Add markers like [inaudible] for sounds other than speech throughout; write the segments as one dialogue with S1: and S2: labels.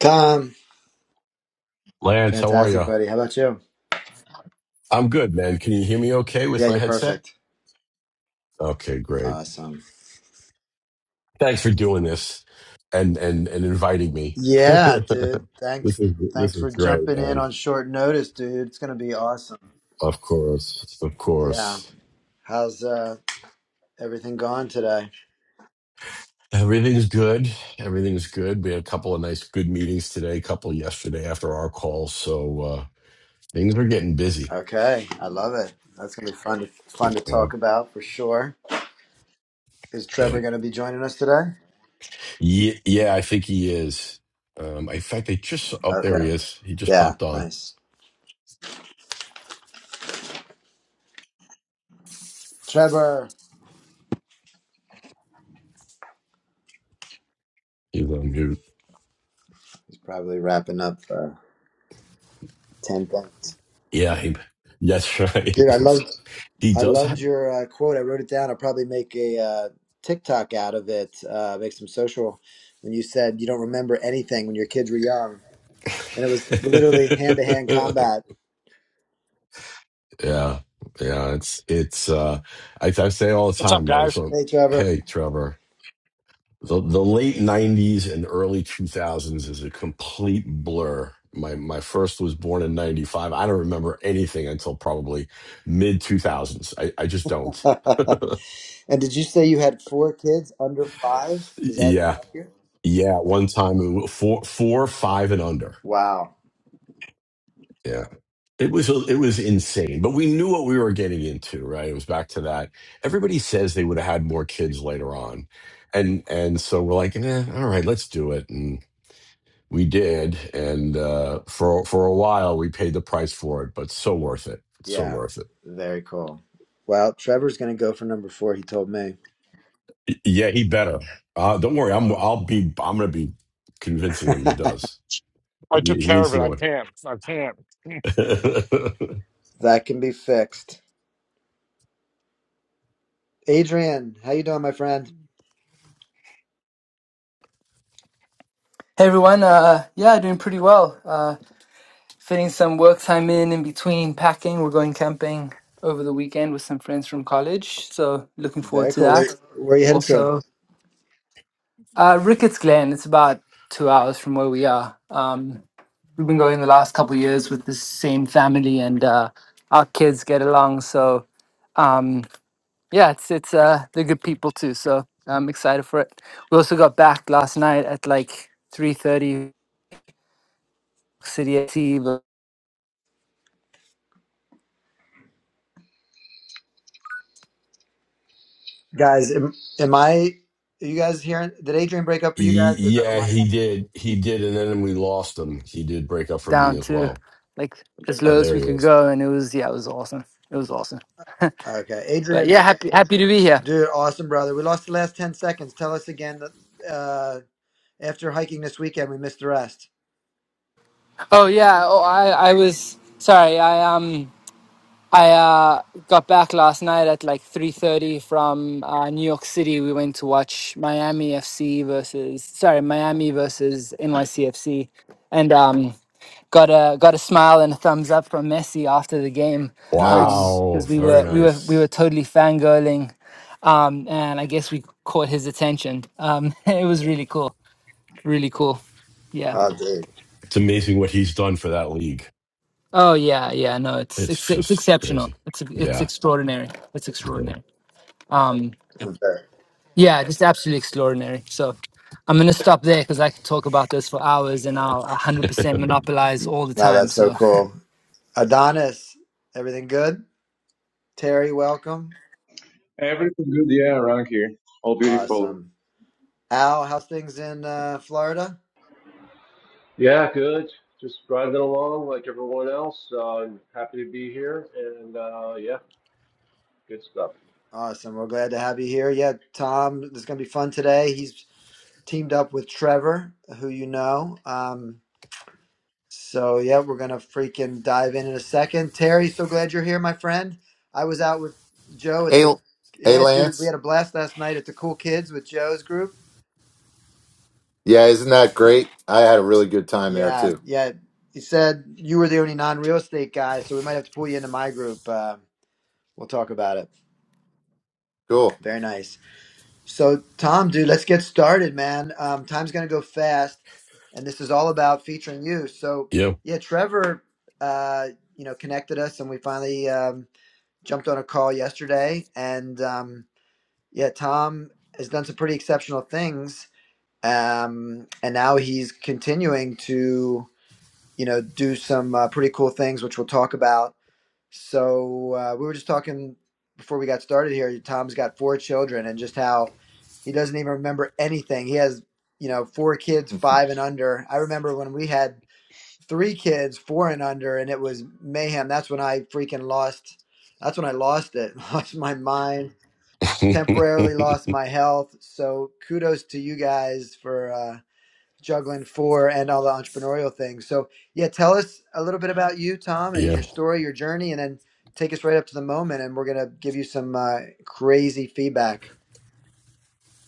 S1: Tom,
S2: Lance, how are you?
S1: fantastic, buddy. How about you?
S2: I'm good, man. Can you hear me okay with
S1: Yeah,
S2: my
S1: you're
S2: headset?
S1: perfect.
S2: Okay, great.
S1: Awesome.
S2: Thanks for doing this and and and inviting me. [laughs]
S1: Yeah, dude. Thanks.
S2: this is this
S1: Thanks for
S2: is great,
S1: jumping in
S2: man.
S1: on short notice, dude. It's gonna be awesome.
S2: Of course. Of
S1: Yeah.
S2: course.
S1: How's uh, everything going today?
S2: Everything's good. Everything's good. We had a couple of nice good meetings today, a couple yesterday after our call, so uh things are getting busy.
S1: Okay, I love it. That's gonna be fun. To, fun to
S2: Yeah.
S1: talk about for sure. Is
S2: Yeah.
S1: Trevor gonna be joining us today?
S2: Yeah, yeah I think he is. Um in fact I just up there
S1: Okay.
S2: he is. He just
S1: Yeah.
S2: popped on.
S1: Nice. Trevor.
S2: He's on mute.
S1: He's probably wrapping up uh, ten things.
S2: Yeah, he, that's
S1: Dude, I love
S2: right. [laughs] He
S1: I
S2: does
S1: loved
S2: have.
S1: your uh, quote. I wrote it down. I'll probably make a uh, TikTok out of it, uh, make some social. When you said you don't remember anything when your kids were young, and it was literally hand to
S2: [laughs]
S1: hand combat.
S2: yeah, yeah. It's it's. uh I, I say all the
S3: What's up,
S2: time, man.
S3: guys?
S2: So,
S1: Hey, Trevor.
S2: hey, Trevor, the the late '90s and early 2000s is a complete blur. My my first was born in '95. I don't remember anything until probably mid 2000s. I I just
S1: [laughs]
S2: don't.
S1: and did you say you had four kids under five? Is that
S2: Yeah,
S1: accurate?
S2: yeah. At One time, it was four four five and under.
S1: Wow.
S2: Yeah. It was it was insane, but we knew what we were getting into, right? It was back to that. Everybody says they would have had more kids later on, and and so we're like, eh, all right, let's do it, and we did, and uh, for for a while we paid the price for it, but so worth it, so
S1: Yeah.
S2: worth it.
S1: Very cool. Well, Trevor's going to go for number four. He told me
S2: Y- Yeah, he better. Uh, don't worry, I'm I'll be I'm gonna be convincing him he
S1: [laughs]
S2: does. He
S3: I took
S2: he
S3: care
S2: needs
S3: of
S2: to
S3: it. I
S2: go in.
S3: can't. I can't.
S2: [laughs]
S1: that can be fixed. Adrian, how you doing, my friend?
S4: Hey everyone, uh, yeah, doing pretty well. Uh, fitting some work time in in between packing. We're going camping over the weekend with some friends from college, so looking forward
S1: Very
S4: to
S1: cool.
S4: that.
S1: Where, where are you headed to?
S4: Also, uh, Ricketts Glen, it's about two hours from where we are. Um, we've been going the last couple of years with the same family, and uh, our kids get along. So, um, yeah, it's it's uh, they're good people too. So I'm excited for it. We also got back last night at like three thirty. City FC
S1: Guys, am, am I? Are you guys hearing? Did Adrian break up for you
S2: Y-
S1: guys, or is that on
S2: Yeah,
S1: my
S2: he did. He did, and then we lost him. He did break up for me
S4: down
S2: as
S4: to
S2: well.
S4: like as
S2: Oh,
S4: low as
S2: there
S4: we
S2: he
S4: could
S2: is.
S4: go, and it was yeah, it was awesome. It was awesome.
S1: end? Okay,
S4: But
S1: Adrian,
S4: yeah, happy happy to be here.
S1: dude, awesome brother. We lost the last ten seconds. Tell us again. That, uh, after hiking this weekend, we missed the rest.
S4: Oh yeah, oh I I was sorry. I um I uh got back last night at like three thirty from uh, New York City. We went to watch Miami FC versus sorry Miami versus NYCFC, and um got a got a smile and a thumbs up from Messi after the game. Um,
S5: Nice.
S2: Wow,
S4: because we
S2: very
S4: were we were we were
S2: nice.
S4: totally fangirling um, and I guess we caught his attention. Um, [laughs] it was really cool, really cool. Yeah.
S1: Oh, dude,
S2: It's amazing what he's done for that league.
S4: Oh yeah, yeah. No, it's
S2: It's
S4: it's it's
S2: just crazy.
S4: exceptional. It's it's
S2: Yeah.
S4: extraordinary. It's extraordinary. Um,
S1: Okay.
S4: yeah, just absolutely extraordinary. So I'm gonna stop there because I could talk about this for hours, and I'll 100%
S5: Mhm.
S4: monopolize all the
S1: no,
S4: time.
S1: that's so
S4: So
S1: cool. Adonis, everything good? Terry, welcome.
S6: Everything good, yeah, around here. All beautiful.
S1: Awesome. Al, how's things in uh, Florida?
S7: Yeah, good. Just driving along like everyone else. Uh, I'm happy to be here, and uh, yeah, good stuff.
S1: Awesome. We're glad to have you here. Yeah, Tom, it's gonna be fun today. He's teamed up with Trevor, who you know. Um, So yeah, we're gonna freaking dive in in a second. Terry, so glad you're here, my friend. I was out with Joe at
S5: Hey,
S1: the
S5: hey,
S1: yeah, dude. We
S5: Lance.
S1: had a blast last night at the Cool Kids with Joe's group.
S5: Yeah, isn't that great? I had a really good time there
S1: Yeah,
S5: too.
S1: yeah. He said you were the only non-real estate guy, so we might have to pull you into my group. Uh, we'll talk about it.
S5: Cool. [laughs]
S1: Very nice. So Tom, dude, let's get started, man. Um, time's gonna go fast, and this is all about featuring you. So
S2: Yeah.
S1: yeah, Trevor, uh, you know, connected us, and we finally. Um, jumped on a call yesterday, and um, yeah, Tom has done some pretty exceptional things, um, and now he's continuing to you know do some uh, pretty cool things, which we'll talk about. So uh, we were just talking before we got started here. Tom's got four children, and just how he doesn't even remember anything. He has you know four kids,
S5: Mhm.
S1: five and under. I remember when we had three kids, four and under, and it was mayhem. That's when I freaking lost. That's when I lost it. [laughs] Lost my mind. Temporarily
S2: Yep.
S1: lost my health. So kudos to you guys for uh, juggling four and all the entrepreneurial things. So yeah, tell us a little bit about you, Tom,
S2: Yeah.
S1: and
S2: [laughs]
S1: your story, your journey, and then take us right up to the moment. And we're gonna give you some uh, crazy feedback.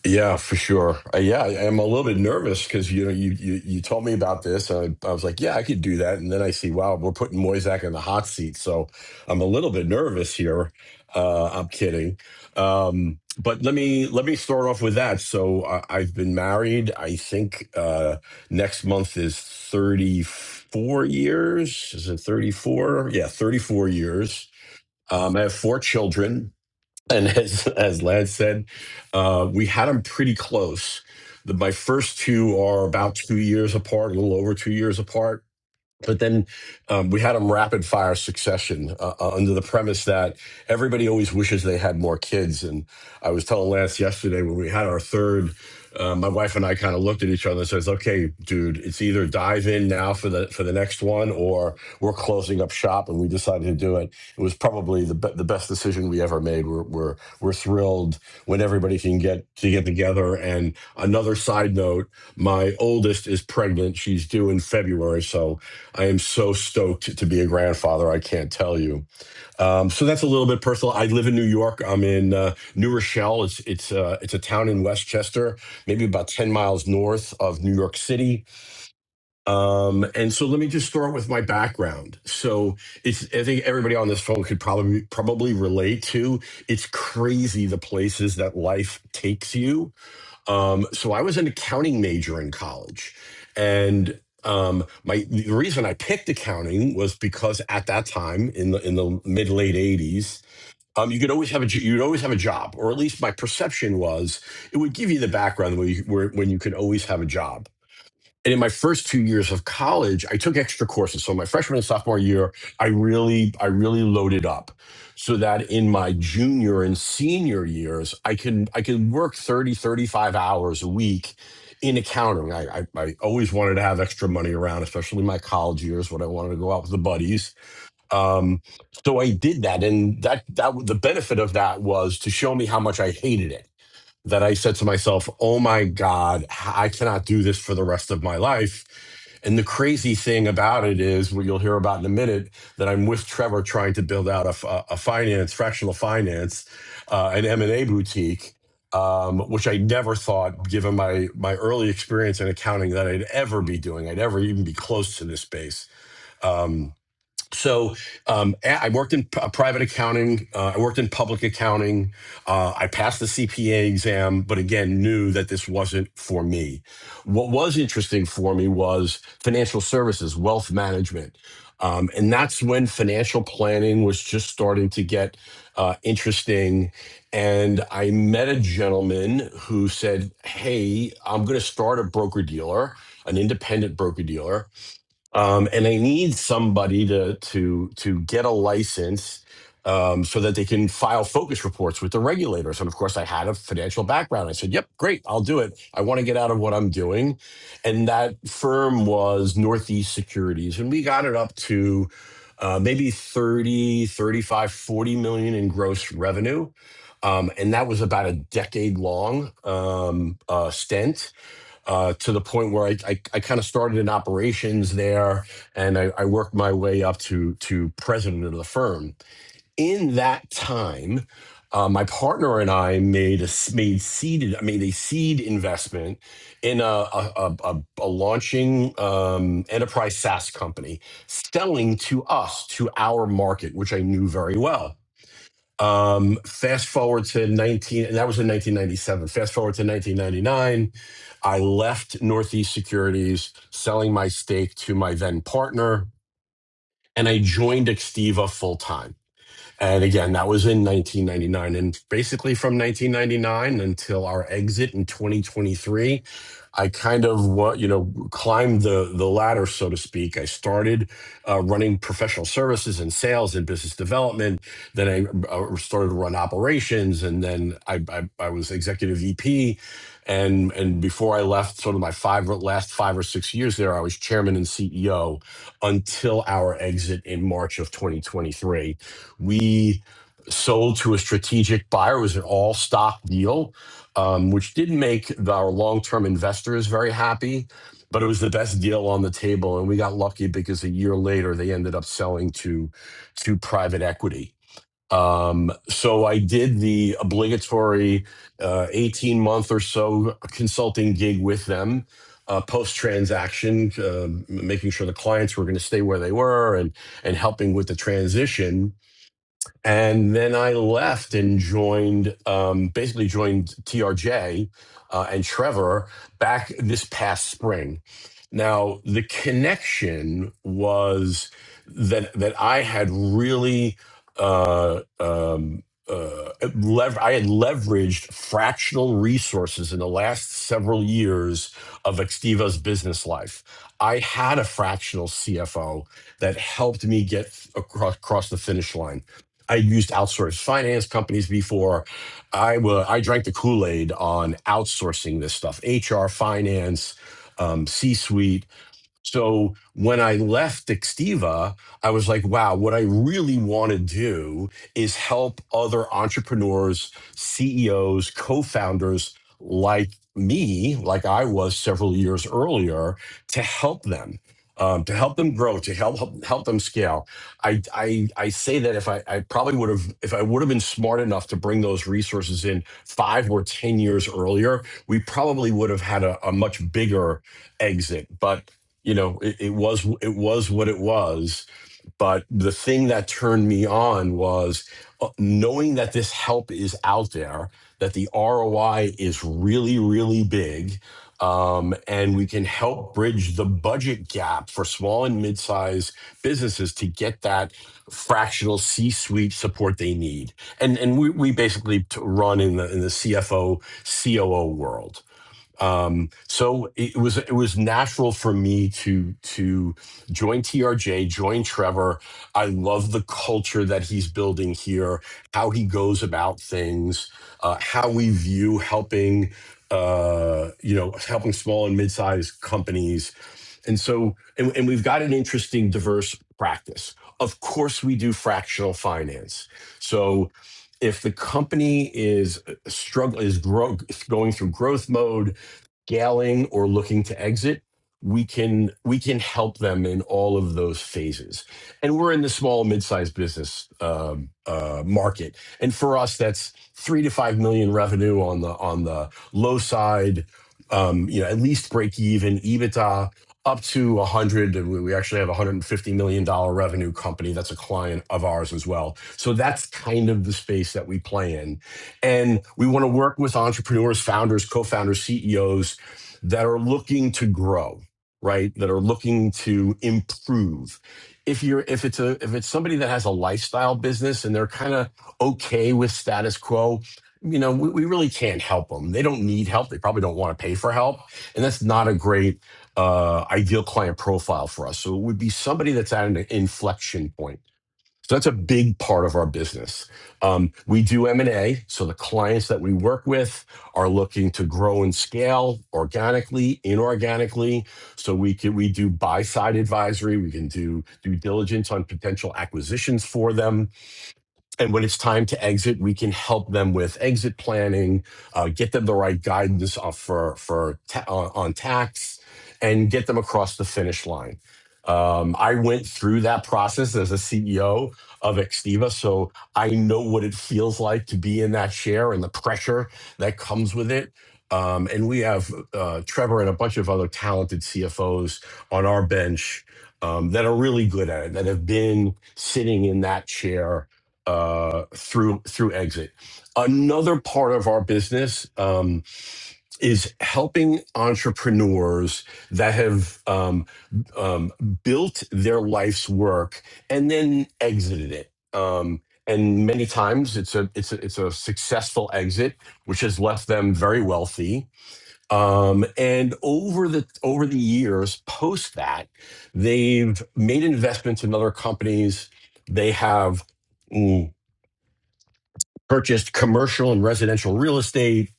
S2: Yeah, for sure. Uh, yeah, I- I'm a little bit nervous because you know you, you you told me about this, and I, I was like, yeah, I could do that. And then I see, wow, we're putting Moisak in the hot seat, so I'm a little bit nervous here. Uh, I'm kidding, um, but let me let me start off with that. So I, I've been married. I think uh, next month is 34 years. Is it 34? Yeah, 34 years. Um, I have four children. And [laughs] as as Lance said, uh, we had them pretty close. The, my first two are about two years apart, a little over two years apart but then um, we had them rapid fire succession uh, uh, under the premise that everybody always wishes they had more kids. And I was telling Lance yesterday when we had our third, uh, my wife and I kind of looked at each other and says, "Okay, dude, it's either dive in now for the for the next one, or we're closing up shop." And we decided to do it. It was probably the be- the best decision we ever made. We're we're we're thrilled when everybody can get to get together. And another side note, my oldest is pregnant; she's due in February, so I am so stoked to be a grandfather. I can't tell you. Um, so that's a little bit personal. I live in New York. I'm in uh, New Rochelle. It's it's uh, it's a town in Westchester, maybe about ten miles north of New York City. Um, and so let me just start with my background. So it's I think everybody on this phone could probably probably relate to. It's crazy the places that life takes you um, so I was an accounting major in college, and um, my the reason I picked accounting was because at that time in the in the mid late eighties, um, you could always have a j- you'd always have a job, or at least my perception was it would give you the background where you, where when you could always have a job. And in my first two years of college, I took extra courses. So my freshman and sophomore year, I really, I really loaded up so that in my junior and senior years, I can I could work 30, 35 hours a week in accounting. I, I, I always wanted to have extra money around, especially my college years when I wanted to go out with the buddies. Um, so I did that. And that that the benefit of that was to show me how much I hated it that I said to myself, oh my God, I cannot do this for the rest of my life. And the crazy thing about it is, what you'll hear about in a minute, that I'm with Trevor trying to build out a a finance, fractional finance, uh, an M&A boutique, um, which I never thought, given my, my early experience in accounting, that I'd ever be doing. I'd ever even be close to this space. Um, so um, a- I worked in p- uh, private accounting. Uh, I worked in public accounting. Uh, I passed the CPA exam, but again, knew that this wasn't for me. What was interesting for me was financial services, wealth management. Um, and that's when financial planning was just starting to get uh, interesting. And I met a gentleman who said, Hey, I'm going to start a broker dealer, an independent broker dealer um, and they need somebody to to to get a license um, so that they can file focus reports with the regulators. And of course, I had a financial background. I said, "Yep, great, I'll do it. I want to get out of what I'm doing." And that firm was Northeast Securities, and we got it up to. Uh, maybe thirty, thirty-five, forty million in gross revenue um, and that was about a decade long um, uh, stint uh, to the point where I, I, I kind of started in operations there and I, I worked my way up to, to president of the firm. In that time, uh, my partner and I made a s- made seeded I made a seed investment in a a, a, a, a launching um, enterprise SaaS company, selling to us to our market, which I knew very well. Um, fast forward to 19, and that was in 1997. Fast forward to 1999, I left Northeast Securities, selling my stake to my then partner, and I joined Extiva full time. And again, that was in 1999. And basically from 1999 until our exit in 2023, I kind of, wa- you know, climbed the, the ladder, so to speak. I started uh, running professional services and sales and business development. Then I uh, started to run operations. And then I, I, I was executive VP. And, and before I left, sort of my five last five or six years there, I was chairman and CEO until our exit in March of 2023 we sold to a strategic buyer. It was an all stock deal, um, which didn't make the- our long term investors very happy, but it was the best deal on the table. And we got lucky because a year later they ended up selling to to private equity. Um, so I did the obligatory uh, 18 month or so consulting gig with them. Uh, post transaction, uh, making sure the clients were going to stay where they were and and helping with the transition and then I left and joined, um, basically joined TRJ uh, and Trevor back this past spring. Now the connection was that that I had really uh, um, uh, lever- I had leveraged fractional resources in the last several years of Extiva's business life. I had a fractional CFO that helped me get across, across the finish line. I used outsourced finance companies before. I wa I drank the Kool Aid on outsourcing this stuff, HR, finance, um, C suite. So when I left Extiva, I was like, wow, what I really want to do is help other entrepreneurs, CEOs, co founders like me, like I was several years earlier, to help them. Um, to help them grow, to help help, help them scale, I, I I say that if I, I probably would have if I would have been smart enough to bring those resources in five or ten years earlier, we probably would have had a, a much bigger exit. But you know it, it was it was what it was but the thing that turned me on was uh, knowing that this help is out there that the roi is really really big um, and we can help bridge the budget gap for small and mid-sized businesses to get that fractional c-suite support they need and and we, we basically t- run in the in the cfo coo world um, so it was it was natural for me to to join TRJ, join Trevor. I love the culture that he's building here, how he goes about things, uh, how we view helping uh you know helping small and mid-sized companies and so and, and we've got an interesting diverse practice of course we do fractional finance so if the company is uh, struggle is grow, going through growth mode scaling or looking to exit we can we can help them in all of those phases and we're in the small mid-sized business um uh, market and for us that's three to five million revenue on the on the low side um you know at least break even ebitda up to 100 and we we actually have a 150 million dollar revenue company that's a client of ours as well so that's kind of the space that we play in and we want to work with entrepreneurs founders co-founders ceos that are looking to grow, right? That are looking to improve. If you're if it's a if it's somebody that has a lifestyle business and they're kind of okay with status quo, you know, we, we really can't help them. They don't need help. They probably don't want to pay for help. And that's not a great uh, ideal client profile for us. So it would be somebody that's at an inflection point so that's a big part of our business. Um, we do M and A, so the clients that we work with are looking to grow and scale organically, inorganically. So we can we do buy side advisory, we can do due diligence on potential acquisitions for them and when it's time to exit, we can help them with exit planning, uh, get them the right guidance uh, for for ta- on on tax, and get them across the finish line. Um, I went through that process as a CEO of Extiva, so I know what it feels like to be in that chair and the pressure that comes with it. Um, and we have uh, Trevor and a bunch of other talented CFOs on our bench um, that are really good at it, that have been sitting in that chair uh, through through exit. Another part of our business um, is helping entrepreneurs that have um, um, built their life's work and then exited it. Um, and many times it's a it's a it's a successful exit, which has left them very wealthy. Um, and over the over the years, post that, they've made investments in other companies. They have purchased commercial and residential real estate,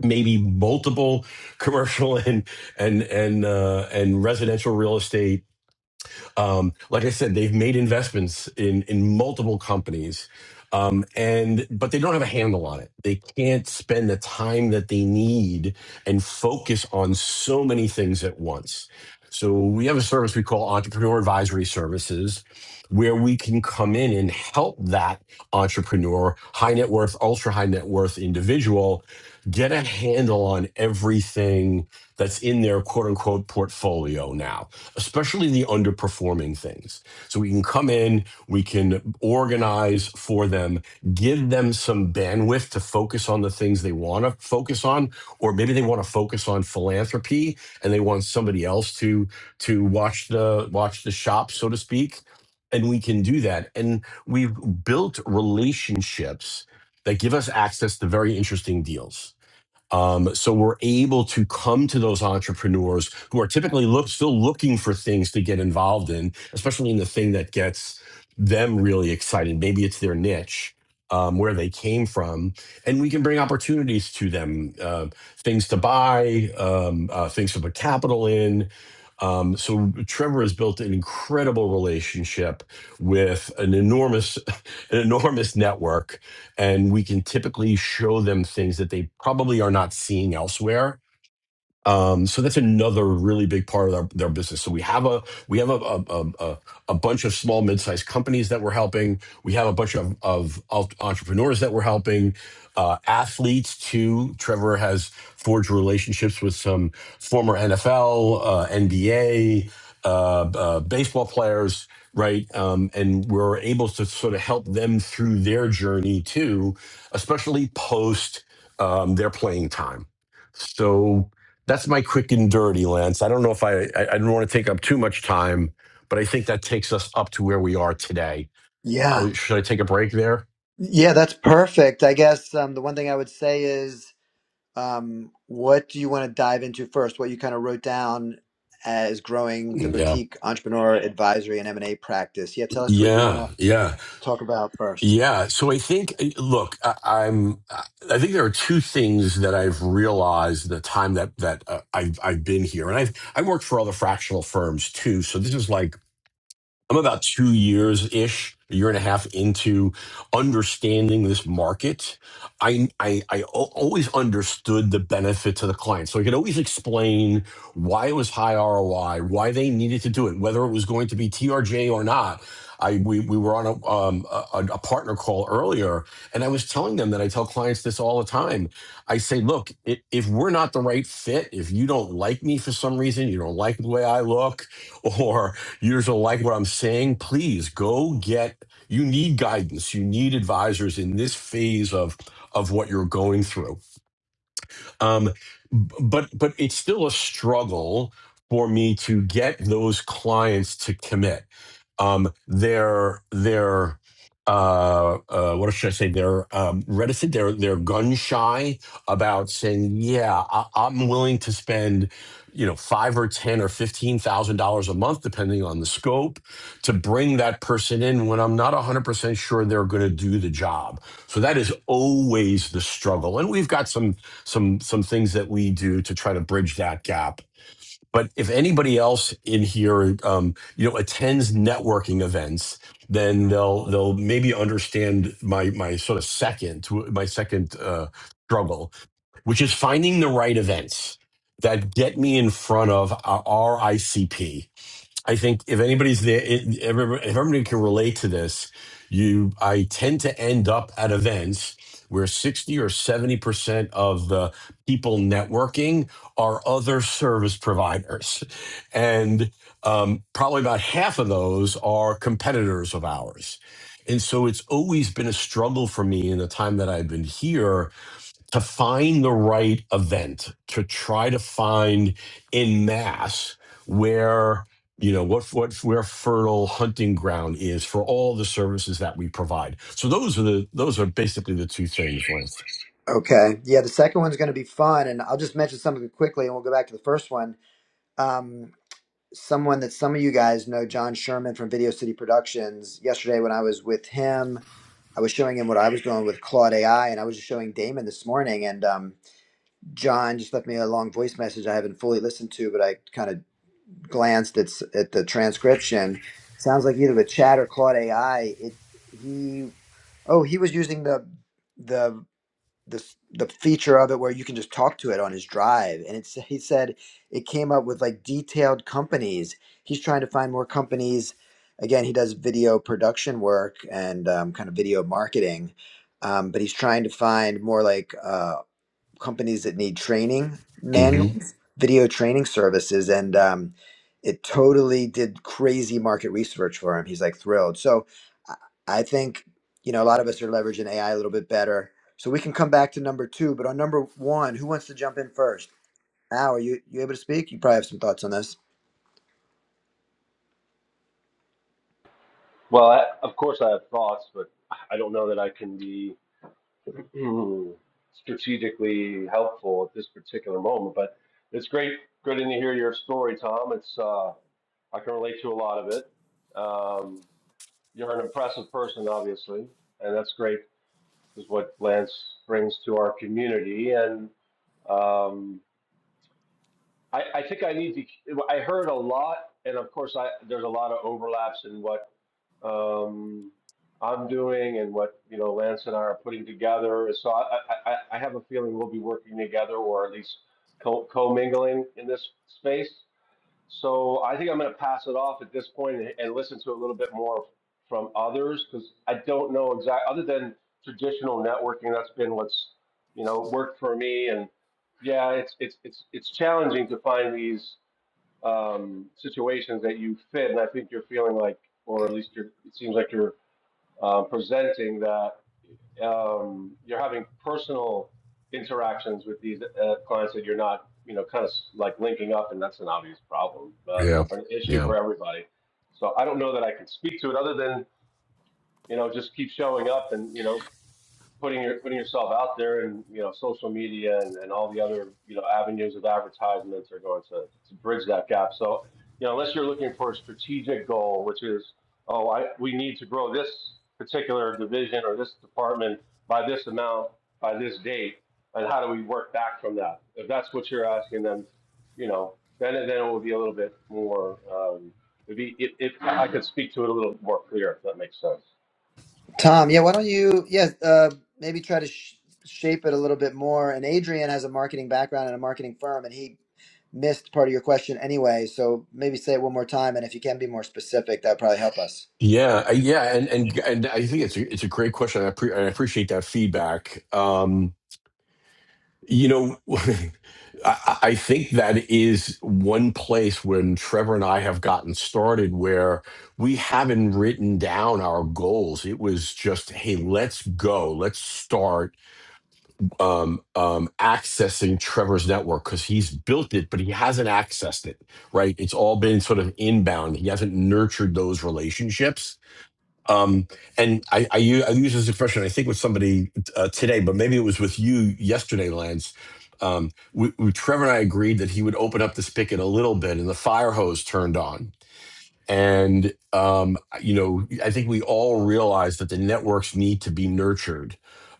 S2: maybe multiple commercial and and and uh, and residential real estate um, like I said, they've made investments in in multiple companies, um, and but they don't have a handle on it. They can't spend the time that they need and focus on so many things at once. So we have a service we call Entrepreneur Advisory Services, where we can come in and help that entrepreneur, high net worth, ultra high net worth individual, get a handle on everything that's in their quote unquote portfolio now especially the underperforming things. So we can come in, we can organize for them, give them some bandwidth to focus on the things they want to focus on, or maybe they want to focus on philanthropy and they want somebody else to to watch the watch the shop, so to speak. And we can do that. And we've built relationships that give us access to very interesting deals um, so we're able to come to those entrepreneurs who are typically look, still looking for things to get involved in, especially in the thing that gets them really excited. Maybe it's their niche, um, where they came from, and we can bring opportunities to them, uh, things to buy, um, uh, things to put capital in, um, so Trevor has built an incredible relationship with an enormous, [laughs] an enormous network, and we can typically show them things that they probably are not seeing elsewhere um, so that's another really big part of our their business. So we have a we have a a, a, a a bunch of small mid sized companies that we're helping. We have a bunch of of alt- entrepreneurs that we're helping. Uh, athletes too. Trevor has forged relationships with some former NFL, uh, NBA, uh, uh, baseball players, right? Um, and we're able to sort of help them through their journey too, especially post um, their playing time. So that's my quick and dirty, Lance. I don't know if I, I, I don't want to take up too much time, but I think that takes us up to where we are today.
S1: Yeah,
S2: Uh, should I take a break there?
S1: yeah, that's perfect. I guess um, the one thing I would say is Um, what do you want to dive into first? What you kind of wrote down as growing the
S2: Yeah,
S1: boutique entrepreneur advisory and M&A practice. Yeah, tell us what you want
S2: yeah,
S1: to
S2: yeah,
S1: talk about first.
S2: yeah. So I think, uh, look, I, I'm. I think there are two things that I've realized the time that that uh, I've I've been here, and I've I worked for other fractional firms too. So this is like I'm about two years ish, a year and a half into understanding this market. I, I, I al- always understood the benefit to the client. So I could always explain why it was high ROI, why they needed to do it, whether it was going to be TRJ or not. I, we, we were on a, um, a, a partner call earlier, and I was telling them that I tell clients this all the time. I say, look, i- if we're not the right fit, if you don't like me for some reason, you don't like the way I look, [laughs] you just don't like what I'm saying, please go get you need guidance. You need advisors in this phase of of what you're going through um, b- but but it's still a struggle for me to get those clients to commit. Um, they're they're uh, uh, what should I say? They're um, reticent. They're they're gun shy about saying, yeah, I, I'm willing to spend, you know, five or ten or fifteen thousand dollars a month, depending on the scope, to bring that person in when I'm not 100 percent sure they're going to do the job. So that is always the struggle, and we've got some some some things that we do to try to bridge that gap. But if anybody else in here, um, you know, attends networking events, then they'll they'll maybe understand my my sort of second my second uh, struggle, which is finding the right events that get me in front of our our ICP I think if anybody's there, it, if everybody can relate to this, you, I tend to end up at events where 60 or 70% of the people networking are other service providers. And um, probably about half of those are competitors of ours. And so it's always been a struggle for me in the time that I've been here to find the right event to try to find in mass where you know what what where fertile hunting ground is for all the services that we provide so those are the those are basically the two things lance
S1: Okay. Yeah, the second one's going to be fun, and I'll just mention something quickly, and we'll go back to the first one. Um, someone that some of you guys know, John Sherman from Video City Productions. Yesterday, when I was with him, I was showing him what I was doing with Claude AI, and I was just showing Damon this morning, and um, John just left me a long voice message I haven't fully listened to, but I kind of glanced at at the transcription, sounds like either with Chat or Claude AI. It he oh he was using the the the the feature of it where you can just talk to it on his drive, and it's he said it came up with like detailed companies. He's trying to find more companies. Again, he does video production work and um, kind of video marketing, um, but he's trying to find more like. uh, companies that need training
S2: hmm
S1: manuals, video training services, and um, it totally did crazy market research for him. He's like thrilled. So I I think you know a lot of us are leveraging AI a little bit better. So we can come back to number two, but on number one, who wants to jump in first? Al, are you you able to speak? You probably have some thoughts on this.
S7: Well, I, of course, I have thoughts, but I don't know that I can be [clears throat] strategically helpful at this particular moment. But it's great, good to hear your story, Tom. It's uh, I can relate to a lot of it. Um, you're an impressive person, obviously, and that's great. Is what Lance brings to our community, and um, I, I think I need to. I heard a lot, and of course, I there's a lot of overlaps in what um, I'm doing and what you know Lance and I are putting together. So I, I, I have a feeling we'll be working together, or at least co- co-mingling in this space. So I think I'm going to pass it off at this point and, and listen to a little bit more from others because I don't know exact other than traditional networking. That's been what's you know worked for me, and yeah, it's it's it's it's challenging to find these um, situations that you fit. And I think you're feeling like, or at least you're, it seems like you're uh, presenting that um, you're having personal interactions with these uh, clients that you're not, you know, kind of like linking up, and that's an obvious problem, but
S2: yeah
S7: or an issue
S2: yeah
S7: for everybody. So I don't know that I can speak to it other than, you know, just keep showing up and, you know, putting your putting yourself out there and you know social media and, and all the other you know avenues of advertisements are going to, to bridge that gap so you know unless you're looking for a strategic goal which is oh I, we need to grow this particular division or this department by this amount by this date and how do we work back from that if that's what you're asking then you know then then it will be a little bit more um, it'd be, if, if I could speak to it a little more clear if that makes sense
S1: Tom, yeah, why don't you, yeah, uh, maybe try to sh- shape it a little bit more. And Adrian has a marketing background and a marketing firm, and he missed part of your question anyway. So maybe say it one more time, and if you can be more specific, that would probably help us.
S2: yeah uh, yeah and and and i think it's a, it's a great question i, appre I appreciate that feedback Um, You know, [laughs] I, I think that is one place when Trevor and I have gotten started where we haven't written down our goals. It was just, hey, let's go, let's start um, um, accessing Trevor's network because he's built it, but he hasn't accessed it, right? It's all been sort of inbound. He hasn't nurtured those relationships um, and I, I, u- I use this expression, I think, with somebody uh, today, but maybe it was with you yesterday, Lance. Um, we, we, Trevor and I agreed that he would open up the spigot a little bit and the fire hose turned on and, um, you know, I think we all realize that the networks need to be nurtured.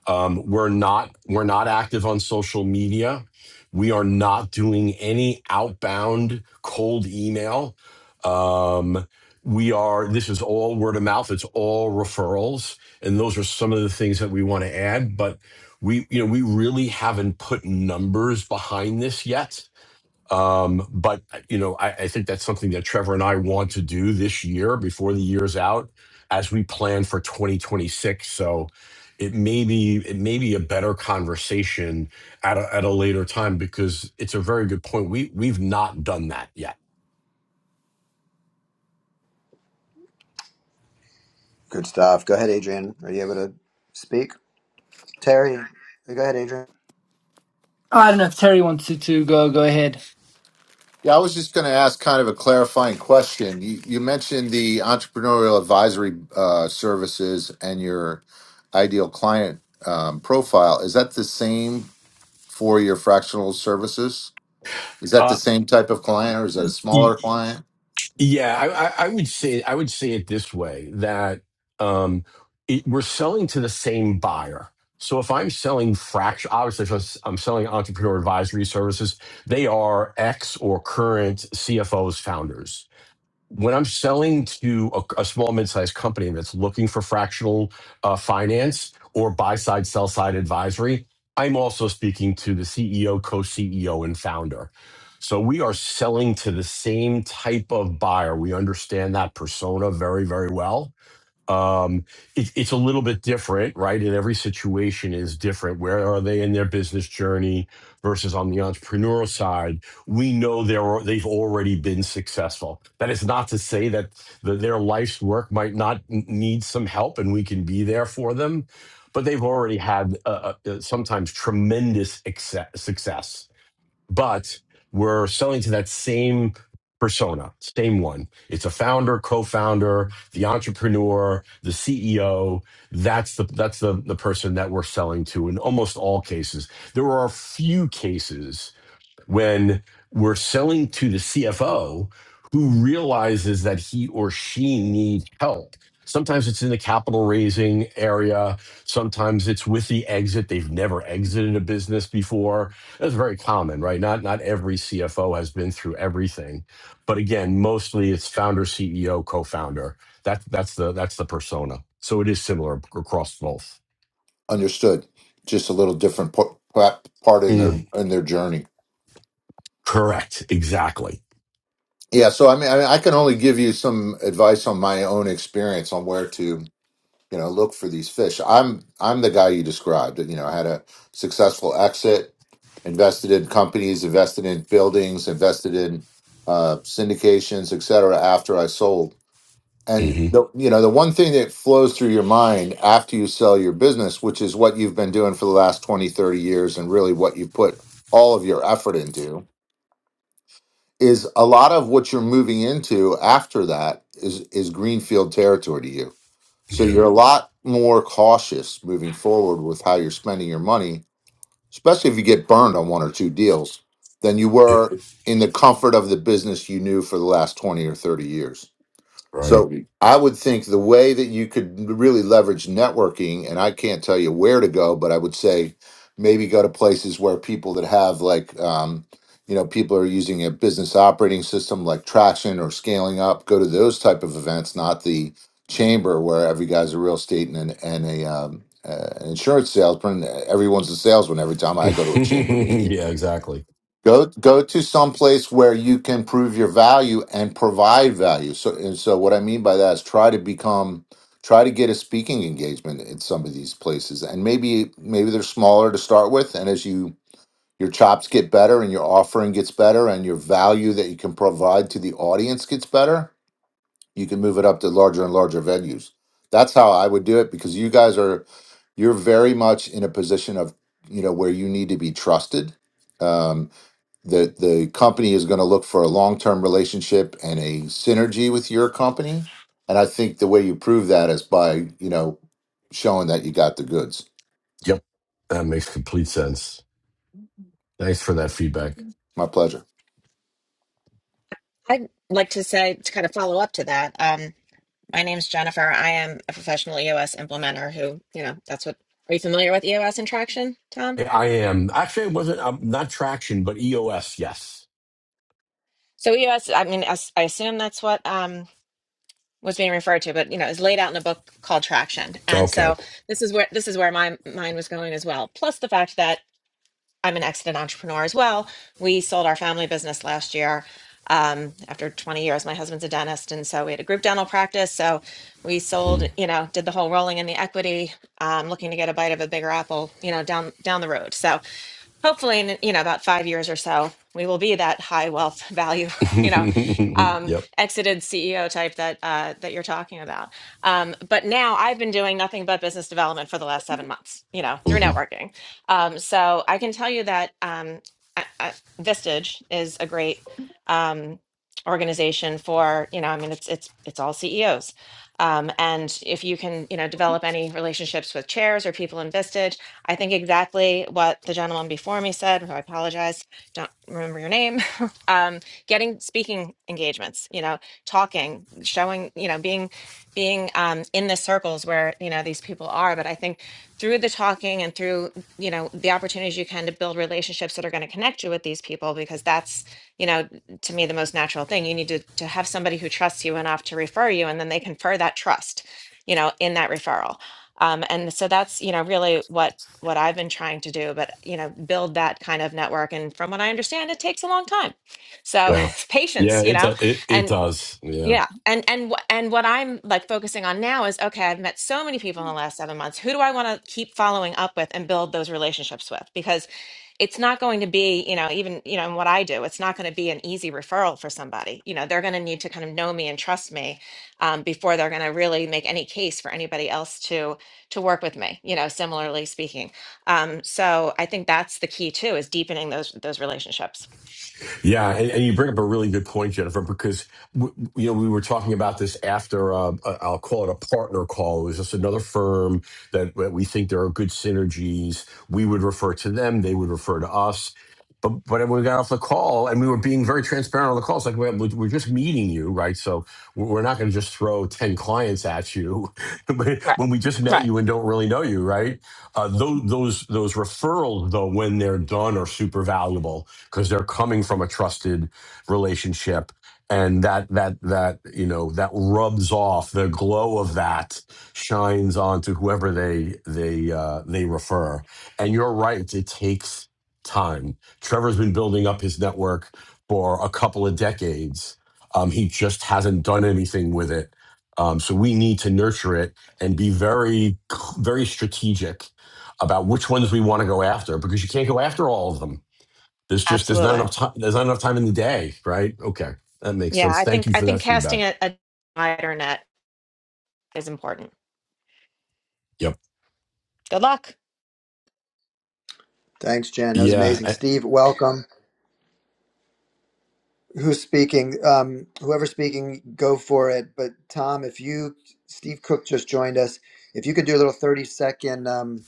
S2: Um, we're not we're not active on social media. We are not doing any outbound cold email. Um, we are this is all word of mouth. It's all referrals, and those are some of the things that we want to add. But we you know we really haven't put numbers behind this yet um, but uh, you know, I, I think that's something that Trevor and I want to do this year before the year's out, as we plan for 2026. So it may be it may be a better conversation at a, at a later time because it's a very good point. We we've not done that yet.
S1: Good stuff. Go ahead, Adrian. Are you able to speak? Terry, go ahead, Adrian.
S4: [laughs] I don't know if Terry wants to to go go ahead.
S5: Yeah, I was just going to ask kind of a clarifying question. You, you mentioned the entrepreneurial advisory uh, services and your ideal client um, profile. Is that the same for your fractional services? Is that the
S2: Uh,
S5: same type of client or is that a smaller client?
S2: Yeah, I, I I would say I would say it this way that um, it, we're selling to the same buyer. So if I'm selling fraction, obviously if I'm s- I'm selling entrepreneur advisory services, they are ex or current CFOs, founders when I'm selling to a, a small mid-sized company that's looking for fractional uh, finance or buy-side, sell-side advisory, I'm also speaking to the CEO, co-CEO, and founder. So we are selling to the same type of buyer. We understand that persona very, very well um, it, it's a little bit different, right? And every situation is different. Where are they in their business journey versus on the entrepreneurial side? We know they're they've already been successful. That is not to say that the, their life's work might not n- need some help, and we can be there for them. But they've already had uh, uh, sometimes tremendous exce- success but we're selling to that same persona, same one. It's a founder, co-founder, the entrepreneur, the CEO. That's the that's the the person that we're selling to in almost all cases. There are a few cases when we're selling to the CFO who realizes that he or she needs help. Sometimes it's in the capital raising area. Sometimes it's with the exit. They've never exited a business before. That's very common, right? Not not every CFO has been through everything, but again, mostly it's founder, CEO, co-founder. That that's the that's the persona. So it is similar across both.
S5: Understood. Just a little different p- part in their
S2: Mm,
S5: in their journey.
S2: correct. Exactly.
S5: Yeah, so I mean, I mean, I can only give you some advice on my own experience on where to, you know, look for these fish. I'm I'm the guy you described. You know, I had a successful exit, invested in companies, invested in buildings, invested in uh, syndications, et cetera. After I sold, and
S2: hmm
S5: the you know the one thing that flows through your mind after you sell your business, which is what you've been doing for the last 20, 30 years, and really what you've put all of your effort into is a lot of what you're moving into after that is is greenfield territory to you. So
S2: Yeah.
S5: you're a lot more cautious moving forward with how you're spending your money, especially if you get burned on one or two deals, than you
S2: It-
S5: were in the comfort of the business you knew for the last 20 or 30 years.
S2: Right.
S5: So I would think the way that you could really leverage networking, and I can't tell you where to go, but I would say maybe go to places where people that have like, um, you know, people are using a business operating system like Traction or Scaling Up. Go to those type of events, not the chamber where every guy's a real estate and an- and a um, uh, an insurance salesman. Everyone's a salesman every time
S2: [laughs]
S5: I go to a chamber meeting
S2: yeah, exactly.
S5: Go go to some place where you can prove your value and provide value. So and so what I mean by that is try to become try to get a speaking engagement in some of these places. And maybe maybe they're smaller to start with and as you your chops get better and your offering gets better and your value that you can provide to the audience gets better, you can move it up to larger and larger venues. That's how I would do it because you guys are you're very much in a position of, you know, where you need to be trusted Um, the the company is going to look for a long-term relationship and a synergy with your company and i think the way you prove that is by you know showing that you got the goods
S2: Yep, that makes complete sense. Thanks for that feedback.
S5: my pleasure
S8: I'd like to say, to kind of follow up to that, um, my name's Jennifer. I am a professional EOS implementer who, you know, that's what, are you familiar with EOS and traction, Tom?
S2: I I am actually. It wasn't um, not traction, but EOS. Yes.
S8: So EOS, I mean, as- I assume that's what um, was being referred to, but, you know, is laid out in a book called Traction. And
S2: Okay.
S8: so this is where, this is where my mind was going as well. Plus the fact that I'm an accident entrepreneur as well. We sold our family business last year um, after 20 years. My husband's a dentist, and so we had a group dental practice. So we sold,
S2: Mhm.
S8: you know, did the whole rolling in the equity, um, looking to get a bite of a bigger apple, you know, down down the road. So hopefully in you know about five years or so we will be that high wealth [laughs] value you know
S2: [laughs]
S8: um,
S2: yep.
S8: exited ceo type that uh, that you're talking about um, but now i've been doing nothing but business development for the last seven months you know through
S2: hmm
S8: networking um, so i can tell you that um, I, I, vistage is a great um, organization for you know i mean it's it's it's all ceos um, and if you can you know develop any relationships with chairs or people in vistage I think exactly what the gentleman before me said, who I apologize, don't remember your name. [laughs] um, getting speaking engagements, you know, talking, showing, you know, being being um, in the circles where you know these people are. But I think through the talking and through you know the opportunities you can to build relationships that are going to connect you with these people, because that's you know to me the most natural thing. You need to to have somebody who trusts you enough to refer you, and then they confer that trust, you know, in that referral. Um, and so that's you know really what what I've been trying to do, but you know, build that kind of network. And from what I understand, it takes a long time. So [laughs]
S2: Yeah.
S8: it's
S2: Yeah.
S8: patience, you
S2: It,
S8: know.
S2: do- it it
S8: And
S2: does. Yeah.
S8: yeah. And and wh- and what I'm like focusing on now is okay, I've met so many people in the last 7 months. Who do I want to keep following up with and build those relationships with? Because it's not going to be, you know, even, you know, in what I do, it's not going to be an easy referral for somebody. You know, they're going to need to kind of know me and trust me um, before they're going to really make any case for anybody else to to work with me, you know, similarly speaking. Um, so I think that's the key too is deepening those those relationships.
S2: Yeah, and, and you bring up a really good point, Jennifer, because w- w- you know we were talking about this after uh, a- I'll call it a partner call. It was just another firm that, that we think there are good synergies. We would refer to them; they would refer to us. But but when we got off the call, and we were being very transparent on the call, it's like well, we're, we're just meeting you, right? So we're we're not going to just throw ten clients at you [laughs]
S8: Right.
S2: when we just met
S8: Right.
S2: you and don't really know you, right? Uh, those those those referrals, though, when they're done, are super valuable because they're coming from a trusted relationship and that that that you know that rubs off the glow of that shines onto whoever they they uh, they refer and you're right it takes time trevor's been building up his network for a couple of decades um, he just hasn't done anything with it um, so we need to nurture it and be very very strategic about which ones we want to go after because you can't go after all of them there's just there's not
S8: Absolutely.
S2: enough time. There's not enough time in the day, right? Okay, that makes
S8: Yeah,
S2: sense.
S8: I
S2: Thank
S8: think
S2: you
S8: I
S2: for
S8: think
S2: that
S8: casting
S2: feedback.
S8: a, a wider net is important.
S2: Yep.
S8: Good luck.
S1: Thanks, Jen. That was
S2: Yeah.
S1: amazing.
S2: I-
S1: Steve, welcome. Who's speaking? Um, whoever's speaking, go for it. But Tom, if you, Steve Cook just joined us. If you could do a little 30 second. Um,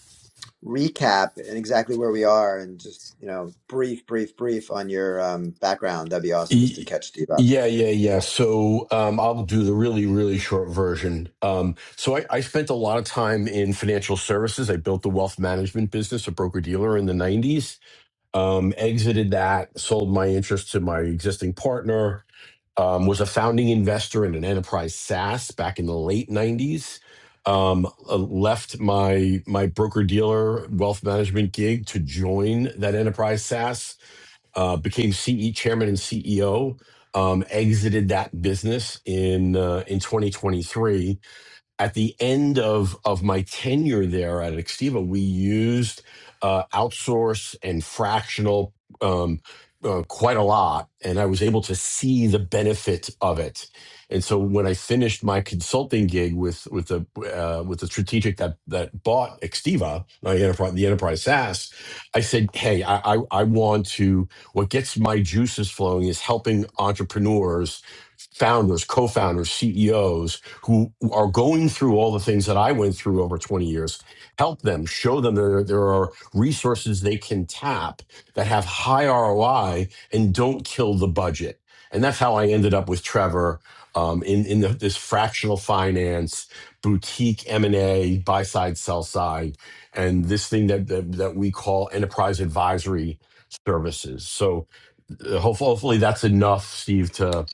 S1: recap and exactly where we are and just, you know, brief, brief, brief on your um, background, that'd be awesome just to
S2: e-
S1: catch Steve up.
S2: yeah. Yeah. Yeah. So um, I'll do the really really short version. Um, so I, I spent a lot of time in financial services. I built the wealth management business, a broker dealer in the '90s. Um, exited that, sold my interest to my existing partner um, was a founding investor in an enterprise SaaS back in the late 90s. Um, uh, left my my broker dealer wealth management gig to join that enterprise SaaS. Uh, became CE chairman and CEO. Um, exited that business in uh, in 2023 at the end of of my tenure there at Extiva, we used uh, outsource and fractional um, uh, quite a lot, and I was able to see the benefit of it. And so when I finished my consulting gig with with the uh, with the strategic that that bought Extiva, my enterprise, the enterprise SaaS, I said, "Hey, I, I I want to. What gets my juices flowing is helping entrepreneurs." Founders, co founders, CEOs who are going through all the things that I went through over 20 years, help them, show them there, there are resources they can tap that have high ROI and don't kill the budget. And that's how I ended up with Trevor um, in, in the, this fractional finance, boutique M&A, buy side, sell side, and this thing that, that, that we call enterprise advisory services. So uh, hopefully, hopefully that's enough, Steve, to,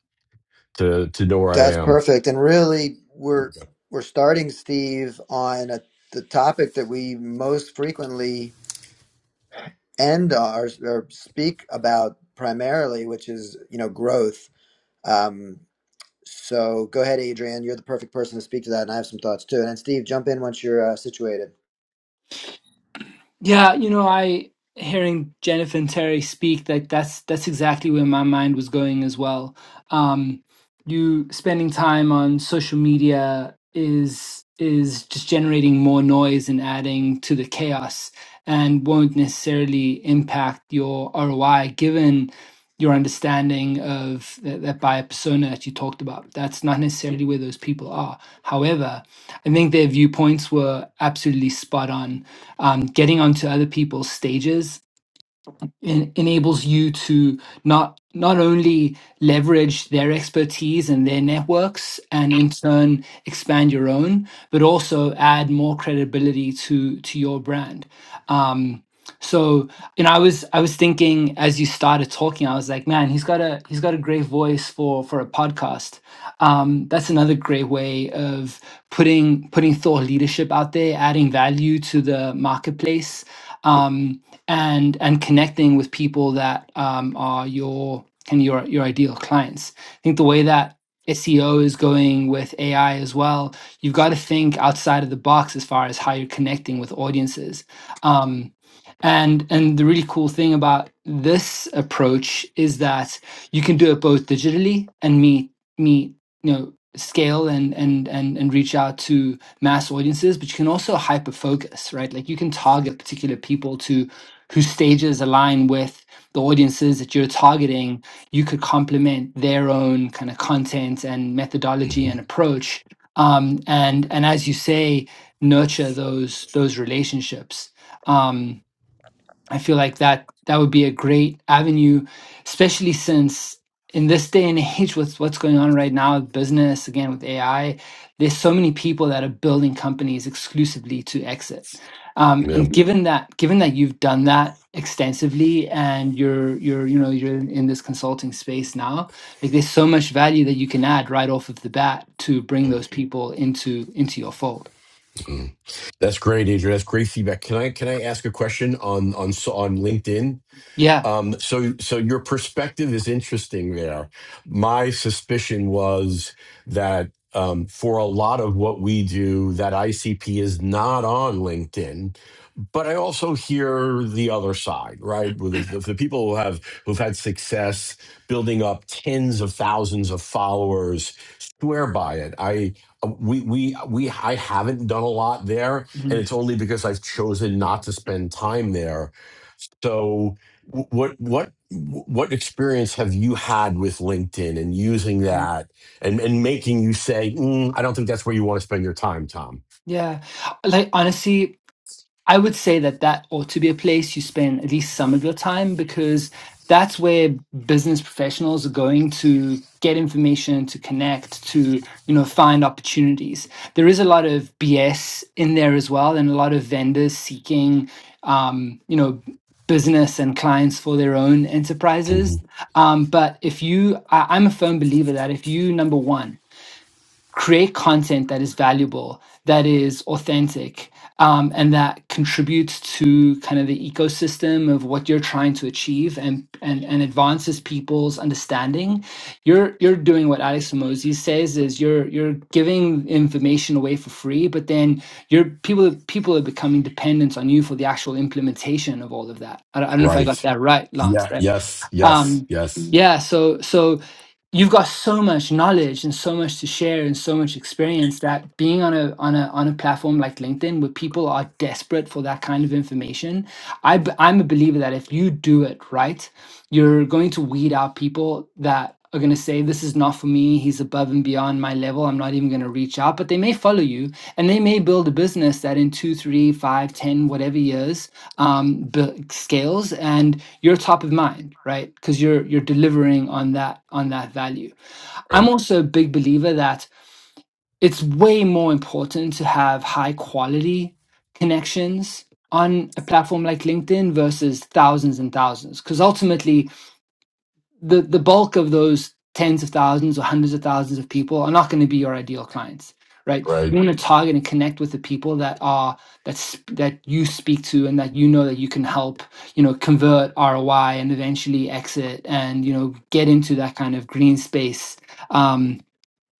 S2: to, to know where I
S1: That's
S2: am.
S1: perfect. And really, we're we're starting, Steve, on a, the topic that we most frequently end our or speak about primarily, which is you know growth. Um, So go ahead, Adrian. You're the perfect person to speak to that, and I have some thoughts too. And then Steve, jump in once you're uh, situated.
S4: Yeah, you know, I hearing Jennifer and Terry speak, like that's that's exactly where my mind was going as well. Um, you spending time on social media is is just generating more noise and adding to the chaos and won't necessarily impact your ROI given your understanding of that, that buyer persona that you talked about. That's not necessarily where those people are. However, I think their viewpoints were absolutely spot on. Um, getting onto other people's stages en- enables you to not not only leverage their expertise and their networks and in turn expand your own but also add more credibility to to your brand um so and i was i was thinking as you started talking i was like man he's got a he's got a great voice for for a podcast um that's another great way of putting putting thought leadership out there adding value to the marketplace um and and connecting with people that um, are your kind of your your ideal clients. I think the way that SEO is going with AI as well, you've got to think outside of the box as far as how you're connecting with audiences. Um, and and the really cool thing about this approach is that you can do it both digitally and meet meet you know scale and and and and reach out to mass audiences but you can also hyper focus right like you can target particular people to whose stages align with the audiences that you're targeting, you could complement their own kind of content and
S2: [clears throat]
S4: methodology and approach. Um, and and as you say, nurture those those relationships. Um, I feel like that that would be a great avenue, especially since in this day and age with what's going on right now with business, again with AI, there's so many people that are building companies exclusively to exit. Um,
S2: Yeah.
S4: and given that, given that you've done that extensively and you're you're you know you're in this consulting space now, like there's so much value that you can add right off of the bat to bring those people into into your fold.
S2: Mm. That's great, Adrian. That's great feedback. Can I can I ask a question on on so on LinkedIn?
S4: Yeah.
S2: Um, so so your perspective is interesting there. My suspicion was that um, for a lot of what we do, that ICP is not on LinkedIn but I also hear the other side, right? With the, the people who have who've had success building up tens of thousands of followers swear by it. I um, we we we I haven't done a lot there, and
S4: Mhm.
S2: it's only because I've chosen not to spend time there. So, wh- what what what experience have you had with LinkedIn and using
S4: Yeah.
S2: that and and making you say, "Mm, I don't think that's where you want to spend your time, Tom?
S4: Yeah. Like honestly, I would say that that ought to be a place you spend at least some of your time because that's where business professionals are going to get information to connect to you know find opportunities there is a lot of bs in there as well and a lot of vendors seeking um, you know business and clients for their own enterprises
S2: Mhm.
S4: um, but if you I, i'm a firm believer that if you number one create content that is valuable, that is authentic, um, and that contributes to kind of the ecosystem of what you're trying to achieve and and, and advances people's understanding. You're you're doing what Alex Mosey says is you're you're giving information away for free, but then you're people people are becoming dependent on you for the actual implementation of all of that. I don't, I don't know if I
S2: Right.
S4: got that right, Lance.
S2: Yeah.
S4: Right?
S2: Yes. Yes.
S4: um
S2: Yes.
S4: yeah so so you've got so much knowledge and so much to share and so much experience that being on a on a on a platform like linkedin where people are desperate for that kind of information i b- i'm a believer that if you do it right you're going to weed out people that are going to say this is not for me he's above and beyond my level i'm not even going to reach out but they may follow you and they may build a business that in two three five ten whatever years um bu- scales you're top of mind right because you're you're delivering on that on that value i'm
S2: Right.
S4: also a big believer that it's way more important to have high quality connections on a platform like linkedin versus thousands and thousands because ultimately the the bulk of those tens of thousands or hundreds of thousands of people are not going to be your ideal clients right you
S2: Right.
S4: want to target and connect with the people that are that's that you speak to and that you know that you can help you know convert roi and eventually exit and you know get into that kind of green space um,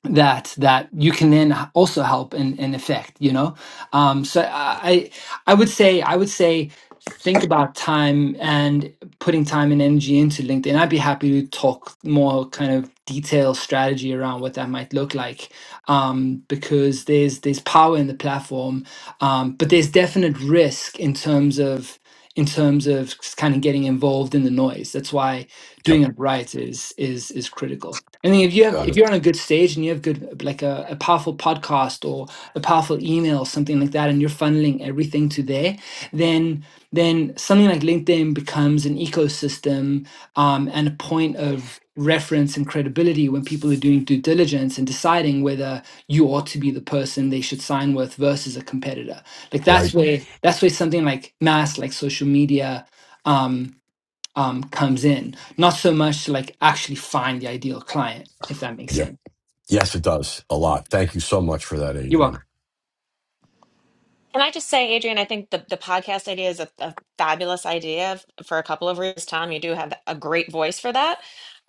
S4: that that you can then also help and, and affect you know um so i i would say i would say think about time and putting time and energy into linkedin i'd be happy to talk more kind of detailed strategy around what that might look like um because there's there's power in the platform um but there's definite risk in terms of in terms of kind of getting involved in the noise that's why
S2: Yep.
S4: doing it right is is is critical. And then if you have
S2: Got
S4: if
S2: it.
S4: you're on a good stage and you have good like a, a powerful podcast or a powerful email something like that, and you're funneling everything to there, then then something like LinkedIn becomes an ecosystem um, and a point of reference and credibility when people are doing due diligence and deciding whether you ought to be the person they should sign with versus a competitor. Like that's
S2: Right.
S4: where that's where something like mass like social media um, um, comes in, not so much to like actually find the ideal client, if that makes
S2: Yep.
S4: sense.
S2: Yes, it does a lot. Thank you so much for that,
S4: You're welcome.
S2: Adrian.
S8: Can I just say, Adrian, I think the, the podcast idea is a, a fabulous idea f- for a couple of reasons. Tom, you do have a great voice for that.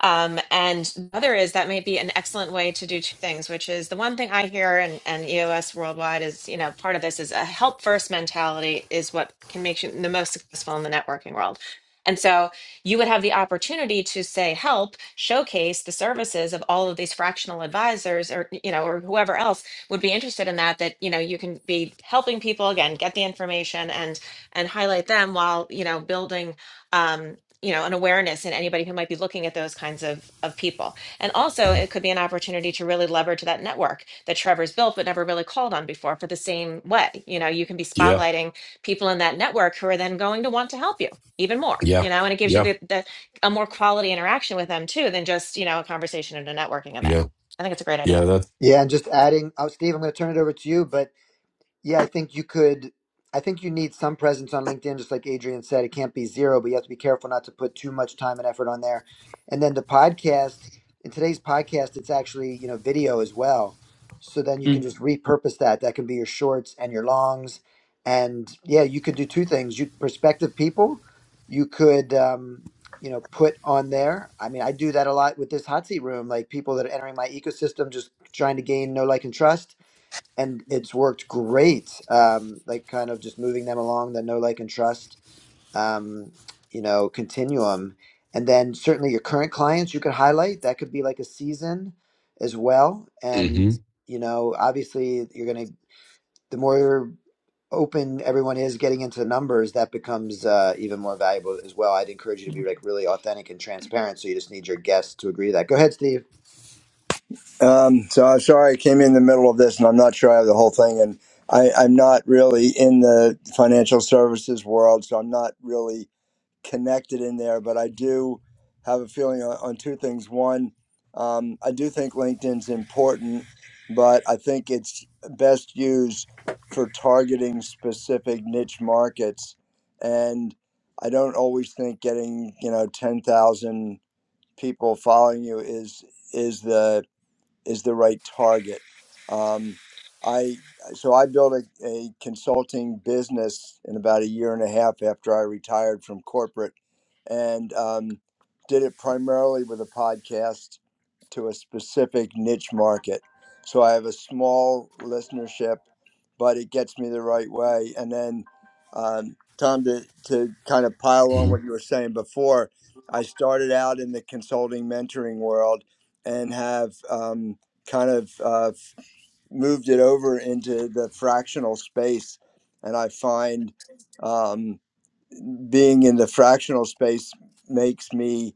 S8: Um, and the other is that may be an excellent way to do two things, which is the one thing I hear and, and EOS worldwide is, you know, part of this is a help first mentality is what can make you the most successful in the networking world. And so you would have the opportunity to say, help showcase the services of all of these fractional advisors or, you know, or whoever else would be interested in that that you know you can be helping people again get the information and and highlight them while you know building um you know an awareness in anybody who might be looking at those kinds of of people and also it could be an opportunity to really leverage that network that trevor's built but never really called on before for the same way you know you can be
S2: Yeah.
S8: spotlighting people in that network who are then going to want to help you even more
S2: Yeah.
S8: you know and it gives you
S2: Yeah.
S8: the, the a more quality interaction with them too than just you know a conversation at a networking event
S2: Yeah.
S8: i think it's a great
S2: Yeah.
S8: idea
S2: That.
S1: Yeah, and just adding, oh, Steve, I'm going to turn it over to you. But Yeah, I think you could. I think you need some presence on LinkedIn, just like Adrian said. It can't be zero, but you have to be careful not to put too much time and effort on there. And then the podcast, in today's podcast, it's actually, you know, video as well. So then you can just repurpose that. That can be your shorts and your longs. And yeah, you could do two things. You prospective people, you could, um, you know, put on there. I mean, I do that a lot with this hot seat room, like people that are entering my ecosystem, just trying to gain know, like, and trust and it's worked great. Um, like kind of just moving them along the no like and trust, um, you know, continuum, and then certainly your current clients you could highlight. That could be like a season as well,
S2: Mm-hmm.
S1: and you know, obviously you're gonna the more open everyone is getting into the numbers that becomes uh, even more valuable as well i'd encourage you to be
S4: Mm.
S1: like really authentic and transparent so you just need your guests to agree to that go ahead steve
S9: Um, so I'm sorry I came in the middle of this, and I'm not sure I have the whole thing. And I, I'm not really in the financial services world, so I'm not really connected in there. But I do have a feeling on, on two things. One, um, I do think LinkedIn's important, but I think it's best used for targeting specific niche markets. And I don't always think getting you know 10,000 people following you is is the is the right target. Um, I so I built a, a consulting business in about a year and a half after I retired from corporate, and um, did it primarily with a podcast to a specific niche market. So I have a small listenership, but it gets me the right way. And then, um, Tom, to to kind of pile on what
S2: Mm-hmm.
S9: you were saying before, I started out in the consulting mentoring world and have um, kind of uh, moved it over into the fractional space. And I find um, being in the fractional space makes me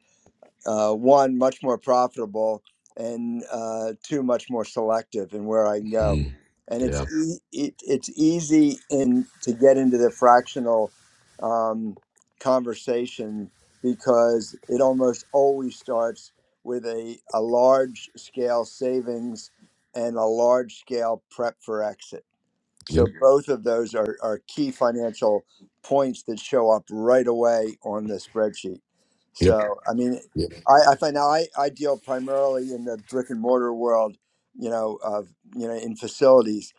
S9: uh, one much more profitable and uh, two much more selective in where I can go.
S2: Mm-hmm.
S9: And it's
S2: Yeah.
S9: e- it, it's easy in to get into the fractional um, conversation because it almost always starts with a, a large scale savings and a large scale prep for exit so
S2: Yep.
S9: both of those are, are key financial points that show up right away on the spreadsheet.
S2: Yep.
S9: So I mean,
S2: Yep.
S9: I, I find now I, I deal primarily in the brick and mortar world, you know, of you know in facilities,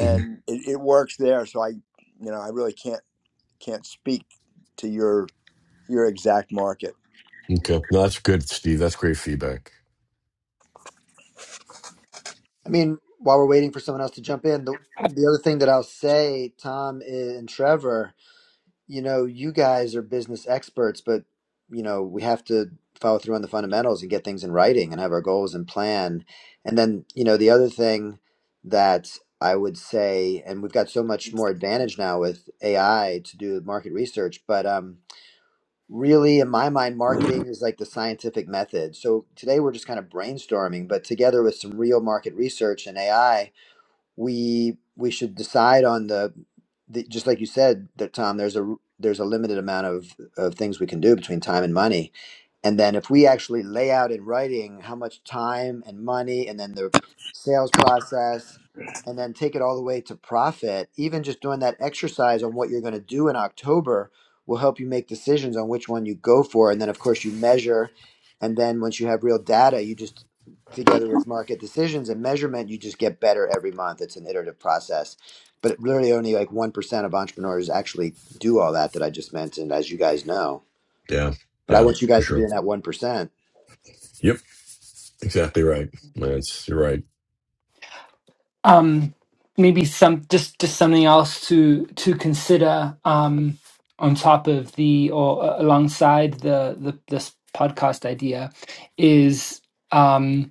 S2: Mm-hmm.
S9: it, it works there. So I, you know, I really can't can't speak to your your exact market.
S2: Okay. No, that's good, Steve. That's great feedback.
S1: I mean, while we're waiting for someone else to jump in, the the other thing that I'll say, Tom and Trevor, you know, you guys are business experts, but you know, we have to follow through on the fundamentals and get things in writing and have our goals and plan. And then, you know, the other thing that I would say, and we've got so much more advantage now with AI to do market research, but um, really, in my mind, marketing is like the scientific method. So today we're just kind of brainstorming, but together with some real market research and AI, we we should decide on the, the just like you said that Tom there's a there's a limited amount of of things we can do between time and money and then if we actually lay out in writing how much time and money and then the sales process and then take it all the way to profit even just doing that exercise on what you're going to do in October will help you make decisions on which one you go for and then of course you measure and then once you have real data you just together with market decisions and measurement, you just get better every month. It's an iterative process. But literally only like 1% of entrepreneurs actually do all that that I just mentioned, as you guys know.
S2: Yeah.
S1: But I
S2: Yeah.
S1: want you
S2: For
S1: guys to be
S2: sure.
S1: in that 1%.
S2: Yep. Exactly right. That's you're right.
S4: Um, maybe some just just something else to to consider um, on top of the or uh, alongside the, the this podcast idea is. Um,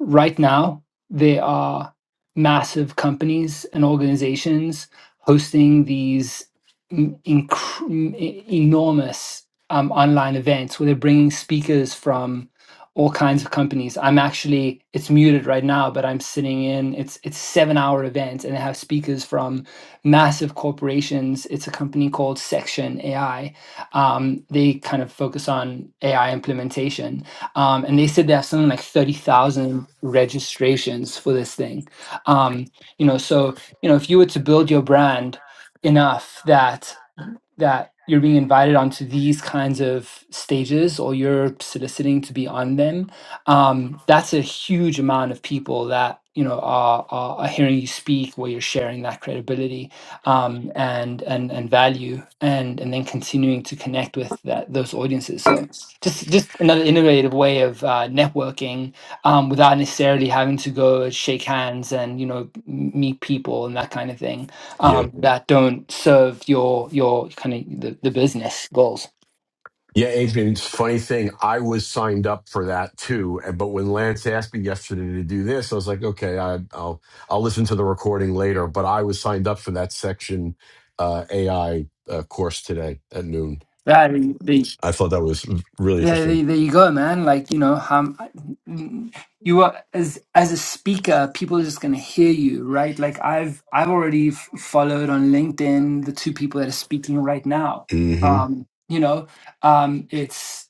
S4: Right now, they are massive companies and organizations hosting these m- inc- e- enormous um, online events where they're bringing speakers from all kinds of companies. I'm actually it's muted right now, but I'm sitting in. It's it's seven hour event, and they have speakers from massive corporations. It's a company called Section AI. Um, they kind of focus on AI implementation um, and they said they have something like 30,000 registrations for this thing. Um, you know, so, you know, if you were to build your brand enough that that you're being invited onto these kinds of stages or you're soliciting to be on them um, that's a huge amount of people that you know are, are, are hearing you speak where you're sharing that credibility um, and and and value and and then continuing to connect with that those audiences so just just another innovative way of uh, networking um, without necessarily having to go and shake hands and you know m- meet people and that kind of thing
S2: Yeah.
S4: um, that don't serve your your kind of the, the business goals.
S2: Yeah, Adrian, it's a funny thing. I was signed up for that too, and- but when Lance asked me yesterday to do this, I was like, okay, I, I'll I'll listen to the recording later. But I was signed up for that section uh, AI uh, course today at noon.
S4: Yeah, the, the,
S2: I thought that was really
S4: there,
S2: interesting.
S4: there there you go, man. Like you know, um, you are as as a speaker, people are just gonna hear you, right? Like I've I've already f- followed on LinkedIn the two people that are speaking right now.
S2: hmm
S4: Um, you know, um, it's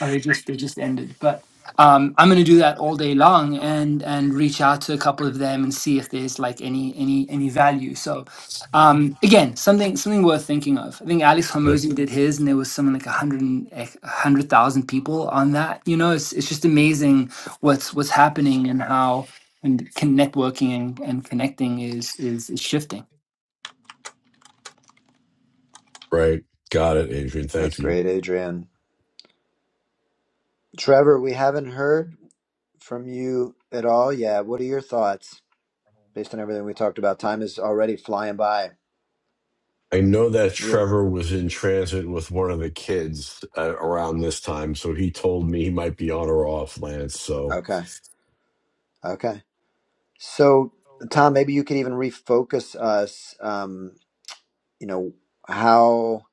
S4: Uh, they just they just ended. But um, I'm going to do that all day long and and reach out to a couple of them and see if there's like any any any value. So um, again, something something worth thinking of. I think Alex
S2: Yep.
S4: Hormozy did his, and there was something like a hundred and- like, a hundred thousand people on that. You know, it's it's just amazing what's what's happening and how and con- networking and, and connecting is is, is shifting.
S2: Right. Got it, Adrian.
S1: That's
S2: Thank you.
S1: great, Adrian. Trevor, we haven't heard from you at all Yeah, What are your thoughts based on everything we talked about? Time is already flying by.
S2: I know that
S1: You-
S2: Trevor was in transit with one of the kids uh, around this time, so he told me he might be on or off, Lance. So
S1: Okay. Okay. So, Tom, maybe you could even refocus us. Um, you know, how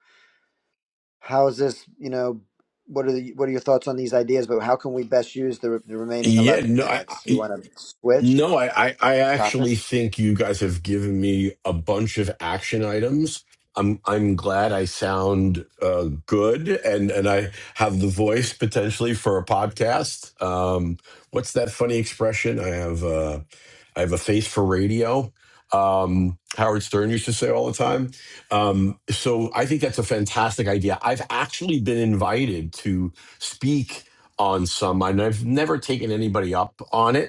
S1: how is this? You know, what are the what are your thoughts on these ideas? But how can we best use the, the remaining
S2: yeah,
S1: eleven
S2: no, I,
S1: minutes?
S2: I-
S1: You want to switch
S2: No, I, I, I actually
S1: topics?
S2: think you guys have given me a bunch of action items. I'm I'm glad I sound uh, good and, and I have the voice potentially for a podcast. Um, what's that funny expression? I have uh, I have a face for radio. Um, Howard Stern used to say all the time. Um, so I think that's a fantastic idea. I've actually been invited to speak on some, and I've never taken anybody up on it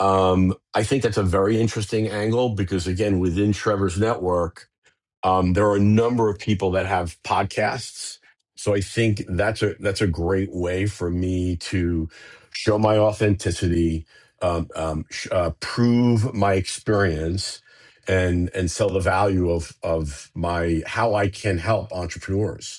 S2: um, I think that's a very interesting angle because, again, within Trevor's network, um, there are a number of people that have podcasts. So I think that's a that's a great way for me to show my authenticity, um, um, sh- uh, prove my experience, and and sell the value of of my how I can help entrepreneurs.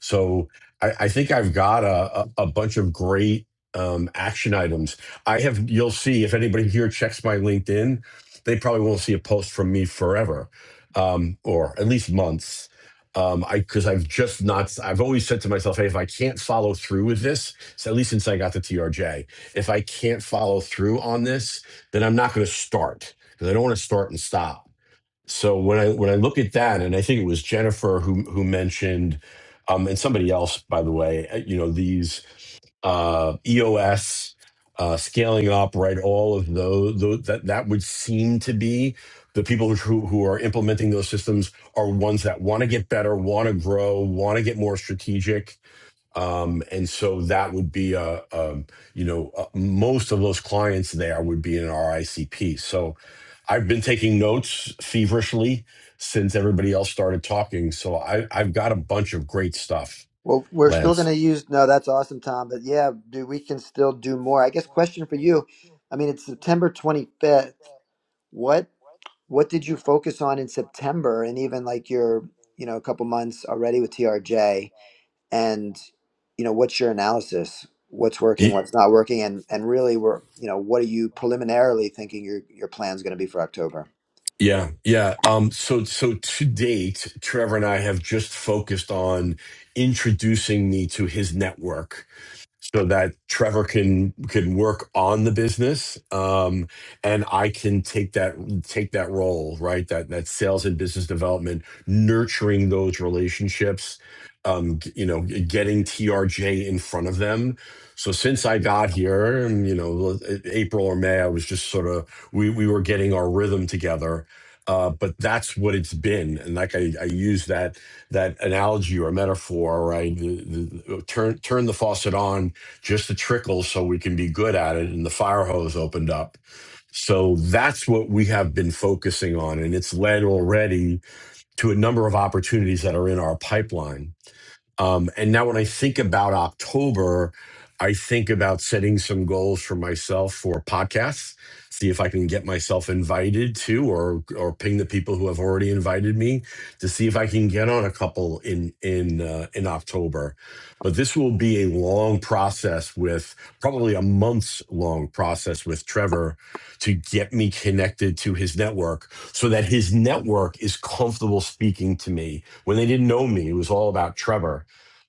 S2: So I, I think I've got a, a, a bunch of great um, action items. I have, you'll see if anybody here checks my LinkedIn, they probably won't see a post from me forever um, or at least months. Um, I because I've just not. I've always said to myself, "Hey, if I can't follow through with this, so at least since I got the TRJ, if I can't follow through on this, then I'm not going to start because I don't want to start and stop. So when I when I look at that, and I think it was Jennifer who who mentioned, um, and somebody else, by the way, uh, you know these uh, EOS uh, scaling up, right? All of those, those that that would seem to be the people who who are implementing those systems are ones that want to get better, want to grow, want to get more strategic um, and so that would be a, um you know uh, most of those clients there would be in our ICP. So I've been taking notes feverishly since everybody else started talking. So I, I've got a bunch of great stuff,
S1: Well, we're still going
S2: Lance.
S1: to use. No, that's awesome, Tom. But yeah, do we can still do more? I guess question for you. I mean, it's September twenty fifth. What what did you focus on in September, and even like your you know a couple months already with TRJ? and you know what's your analysis what's working
S2: Y-
S1: what's not working and and really we're you know what are you preliminarily thinking your your plan's going to be for october
S2: Yeah, yeah. Um, so so to date, Trevor and I have just focused on introducing me to his network so that Trevor can can work on the business, um, and I can take that take that role, right? That that sales and business development, nurturing those relationships, um, g- you know, g- getting TRJ in front of them. So since I got here, and, you know, l- a- April or May, I was just sort of we we were getting our rhythm together. Uh, but that's what it's been, and like I, I use that that analogy or metaphor, right? The, the, turn turn the faucet on just a trickle so we can be good at it. And the fire hose opened up. So that's what we have been focusing on. And it's led already to a number of opportunities that are in our pipeline. Um, and now when I think about October, I think about setting some goals for myself for podcasts, see if I can get myself invited to or or ping the people who have already invited me to see if I can get on a couple in in uh, in October. But this will be a long process with probably a month's long process with Trevor to get me connected to his network so that his network is comfortable speaking to me. When they didn't know me, it was all about Trevor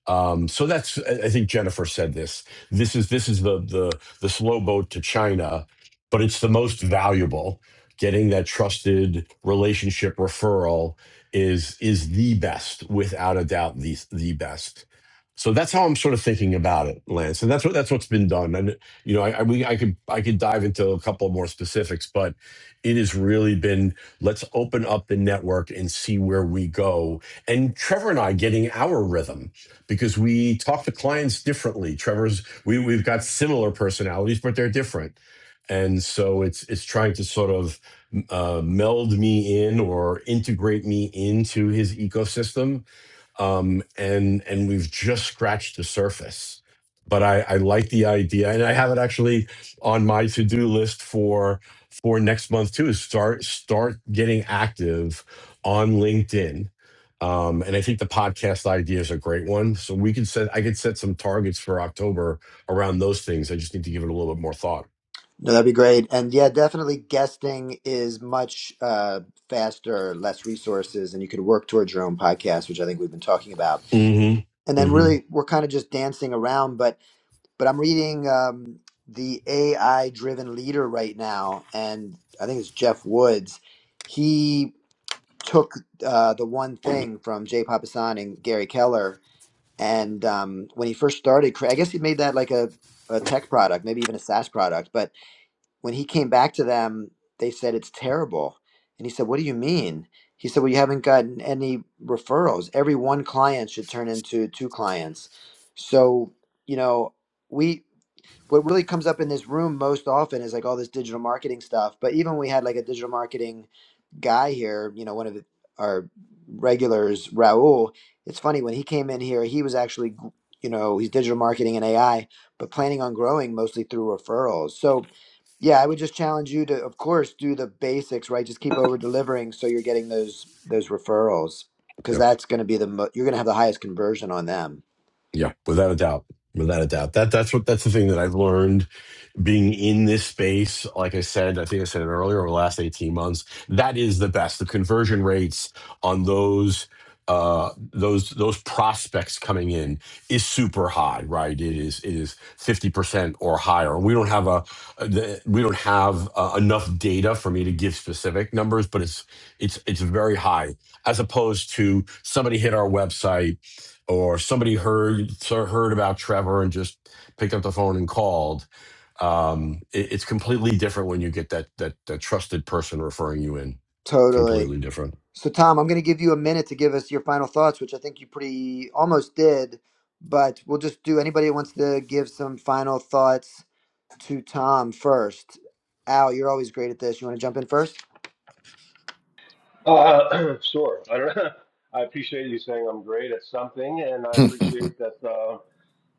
S2: um, so that's I I think Jennifer said this. This is this is the the the slow boat to China, but it's the most valuable. Getting that trusted relationship referral is is the best, without a doubt, the the best. So that's how I'm sort of thinking about it, Lance, and that's what that's what's been done. And you know, I, I we I could I could dive into a couple more specifics, but it has really been let's open up the network and see where we go. And Trevor and I getting our rhythm because we talk to clients differently. Trevor's we we've got similar personalities, but they're different, and so it's it's trying to sort of uh, meld me in or integrate me into his ecosystem um, and and we've just scratched the surface. But I, I like the idea, and I have it actually on my to do list for for next month too. Is start start getting active on LinkedIn, um, and I think the podcast idea is a great one. So we could set I could set some targets for October around those things. I just need to give it a little bit more thought.
S1: no that'd be great and yeah definitely guesting is much uh, faster less resources and you could work towards your own podcast which i think we've been talking about and
S2: Mm-hmm.
S1: then
S2: Mm-hmm.
S1: really we're kind of just dancing around but but i'm reading um, the ai driven leader right now and i think it's jeff woods he took uh, the one thing from Jay Papasan and Gary Keller. And um, when he first started, I guess he made that like a, a tech product, maybe even a SaaS product. But when he came back to them, they said it's terrible. And he said, What do you mean? He said, Well, you haven't gotten any referrals. Every one client should turn into two clients. So, you know, we, what really comes up in this room most often is like all this digital marketing stuff. But even we had like a digital marketing guy here, you know, one of the, our regulars, Raul, it's funny when he came in here, he was actually, you know, he's digital marketing and AI, but planning on growing mostly through referrals. So, yeah, I would just challenge you to, of course, do the basics, right? Just keep over delivering so you're getting those those referrals because
S2: Yep.
S1: that's going to be the mo- you're going to have the highest conversion on them.
S2: Yeah. Without a doubt. Without a doubt. That that's what that's the thing that I've learned being in this space, like I said, I think I said it earlier, over the last 18 months, that is the best. The conversion rates on those uh those those prospects coming in is super high right it is it is 50% or higher we don't have a the, we don't have uh, enough data for me to give specific numbers but it's it's it's very high as opposed to somebody hit our website or somebody heard heard about Trevor and just picked up the phone and called um, it, it's completely different when you get that that that trusted person referring you in.
S1: Totally.
S2: Completely different.
S1: So, Tom, I'm going to give you a minute to give us your final thoughts, which I think you pretty almost did, but we'll just do anybody that wants to give some final thoughts to Tom first. Al, you're always great at this. You want to jump in first?
S7: Uh, [clears throat] sure. I don't [laughs] I appreciate you saying I'm great at something, and I
S5: [laughs]
S7: appreciate that uh,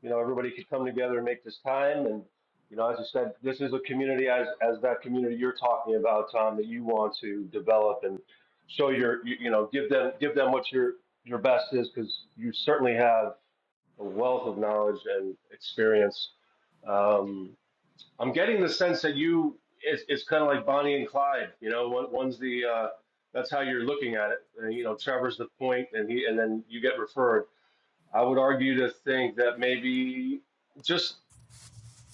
S7: you know everybody could come together and make this time. And you know, as you said, this is a community as as that community you're talking about, Tom, that you want to develop and show your you, you know give them give them what your your best is because you certainly have a wealth of knowledge and experience. Um, I'm getting the sense that you it's, it's kind of like Bonnie and Clyde. You know, one, one's the uh, that's how you're looking at it. And, you know, Trevor's the point, and he and then you get referred. I would argue to think that maybe just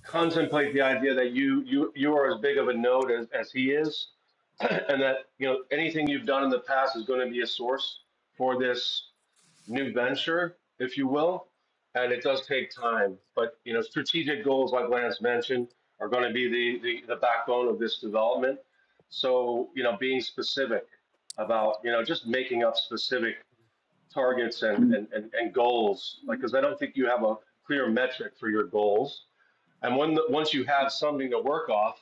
S7: contemplate the idea that you you you are as big of a node as, as he is, [clears throat] and that you know anything you've done in the past is going to be a source for this new venture, if you will, and it does take time. But you know, strategic goals, like Lance mentioned, are going to be the, the the backbone of this development. So you know, being specific about you know just making up specific targets and and and, and goals, like because I don't think you have a clear metric for your goals. And when the, once you have something to work off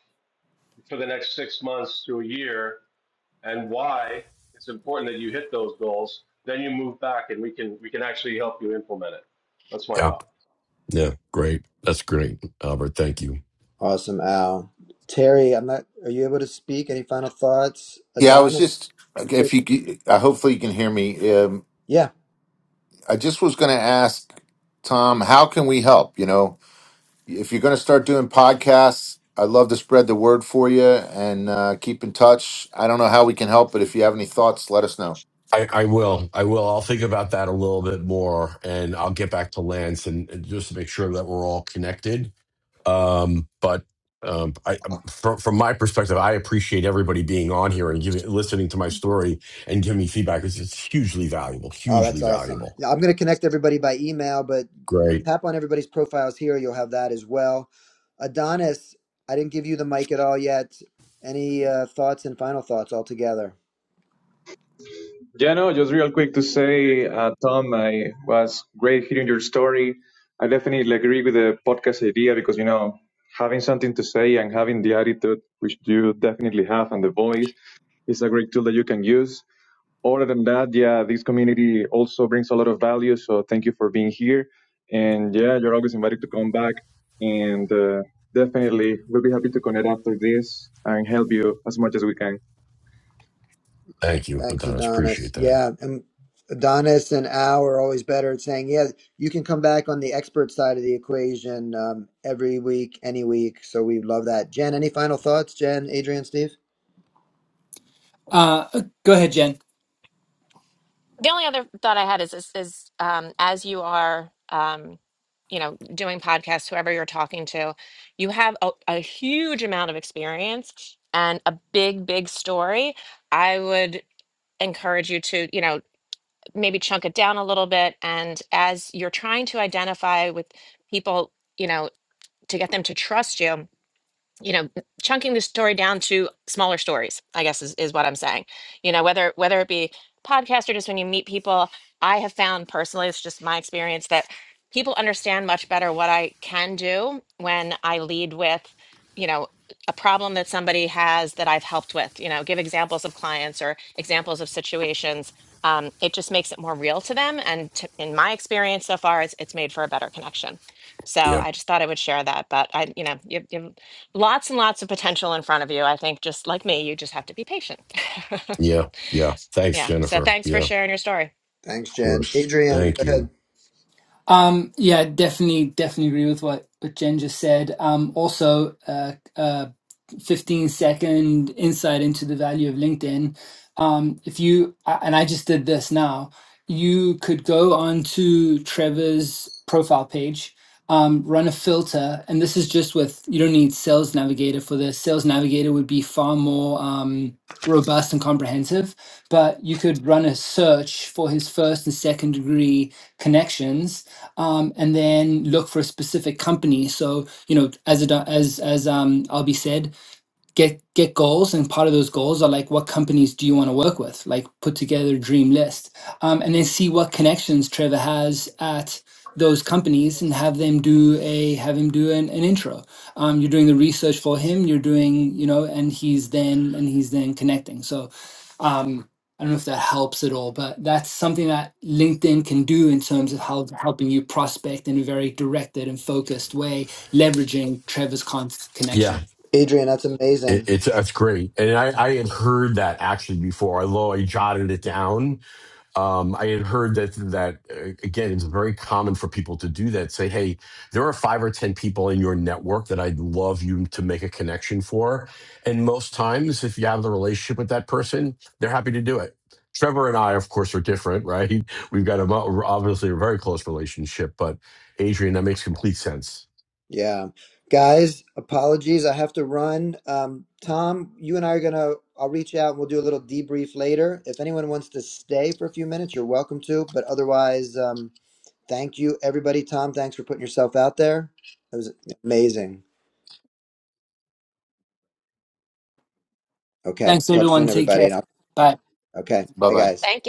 S7: for the next six months to a year, and why it's important that you hit those goals, then you move back and we can we can actually help you implement it. That's my
S2: Yeah,
S7: thought.
S2: yeah, great. That's great, Albert. Thank you.
S1: Awesome, Al. Terry, I'm not. Are you able to speak? Any final thoughts?
S5: yeah i was
S1: Adonis.
S5: just
S1: Yep.
S5: if you c- I hopefully you can hear me um,
S1: Yeah.
S5: i just was going to ask tom how can we help you know if you're going to start doing podcasts i'd love to spread the word for you and uh, keep in touch i don't know how we can help but if you have any thoughts let us know
S2: I, I will. I will. I'll think about that a little bit more, and I'll get back to Lance and, and just to make sure that we're all connected. Um, but um, I, um, from, from my perspective, I appreciate everybody being on here and giving, listening to my story and giving me feedback. It's, it's hugely valuable.
S1: Oh, that's
S2: Hugely
S1: awesome.
S2: valuable.
S1: Yeah, I'm going to connect everybody by email, but
S2: Great.
S1: tap on everybody's profiles here. You'll have that as well. Adonis, I didn't give you the mic at all yet. Any uh, thoughts and final thoughts altogether?
S6: Yeah, no, just real quick to say, uh, Tom, I was great hearing your story. I definitely agree with the podcast idea because, you know, having something to say and having the attitude, which you definitely have, and the voice is a great tool that you can use. Other than that, yeah, this community also brings a lot of value. So thank you for being here. And yeah, you're always invited to come back. And uh, definitely, we'll be happy to connect after this and help you as much as we can.
S2: Thank you,
S1: Thanks,
S2: Adonis. Appreciate
S1: Adonis.
S2: that.
S1: Yeah, and Adonis and Al are always better at saying, yeah, you can come back on the expert side of the equation um, every week, any week. So we love that. Jen, any final thoughts? Jen, Adrian, Steve?
S4: Uh, go ahead, Jen.
S8: the only other thought I had is is, is um, as you are, um, you know, doing podcasts, whoever you're talking to, you have a, a huge amount of experience and a big, big story. I would encourage you to, you know. maybe chunk it down a little bit. And as you're trying to identify with people, you know, to get them to trust you, you know chunking the story down to smaller stories i guess is, is what i'm saying you know whether whether it be podcast or just when you meet people i have found personally it's just my experience that people understand much better what i can do when i lead with you know a problem that somebody has that i've helped with you know give examples of clients or examples of situations um, it just makes it more real to them and to, in my experience so far it's, it's made for a better connection so
S2: Yeah.
S8: i just thought i would share that but i you know you, you Lots and lots of potential in front of you. I think just like me, you just have to be patient.
S2: Yeah, yeah.
S8: [laughs]
S2: Thanks,
S8: yeah. So
S2: Jennifer.
S8: thanks for
S2: Yeah, of
S8: sharing your story.
S1: Thanks, Jen.
S2: course.
S1: Adrian,
S2: Thank
S1: go ahead.
S2: you.
S4: Um, yeah, definitely, definitely agree with what, what Jen just said. Um, also, uh, uh, 15 second insight into the value of LinkedIn. Um, if you, a- and I just did this now, you could go onto Trevor's profile page, um, run a filter, and this is just with, you don't need Sales Navigator for this. Sales Navigator would be far more, um, robust and comprehensive, but you could run a search for his first and second degree connections um, and then look for a specific company. So you know, as it, as as um, Albie said, get get goals and part of those goals are like what companies do you want to work with like put together a dream list um, and then see what connections trevor has at those companies and have them do a have him do an, an intro um, you're doing the research for him you're doing you know and he's then and he's then connecting so um, i don't know if that helps at all but that's something that linkedin can do in terms of how, helping you prospect in a very directed and focused way leveraging trevor's con- connections
S2: Yeah,
S1: Adrian, that's
S2: it,
S1: amazing.
S2: it's that's great. And I, I had heard that actually before, although I jotted it down. Um, I had heard that that uh, again, it's very common for people to do that. Say, hey, there are five or ten people in your network that I'd love you to make a connection for, and most times, if you have the relationship with that person, they're happy to do it. Trevor and I, of course, are different, right? [laughs] We've got a mo- obviously a very close relationship, but Adrian, that makes complete sense
S1: Yeah. Guys, apologies. I have to run. Um, Tom, you and I are going to, I'll reach out and we'll do a little debrief later. If anyone wants to stay for a few minutes, you're welcome to. But otherwise, um, thank you, everybody. Tom, thanks for putting yourself out there. It was amazing. Okay.
S4: Thanks,
S1: Talk
S4: everyone.
S1: soon,
S4: Take
S1: everybody.
S4: care.
S1: And I'll-
S4: Bye.
S1: Okay. Bye,
S5: bye-bye
S1: guys.
S8: Thank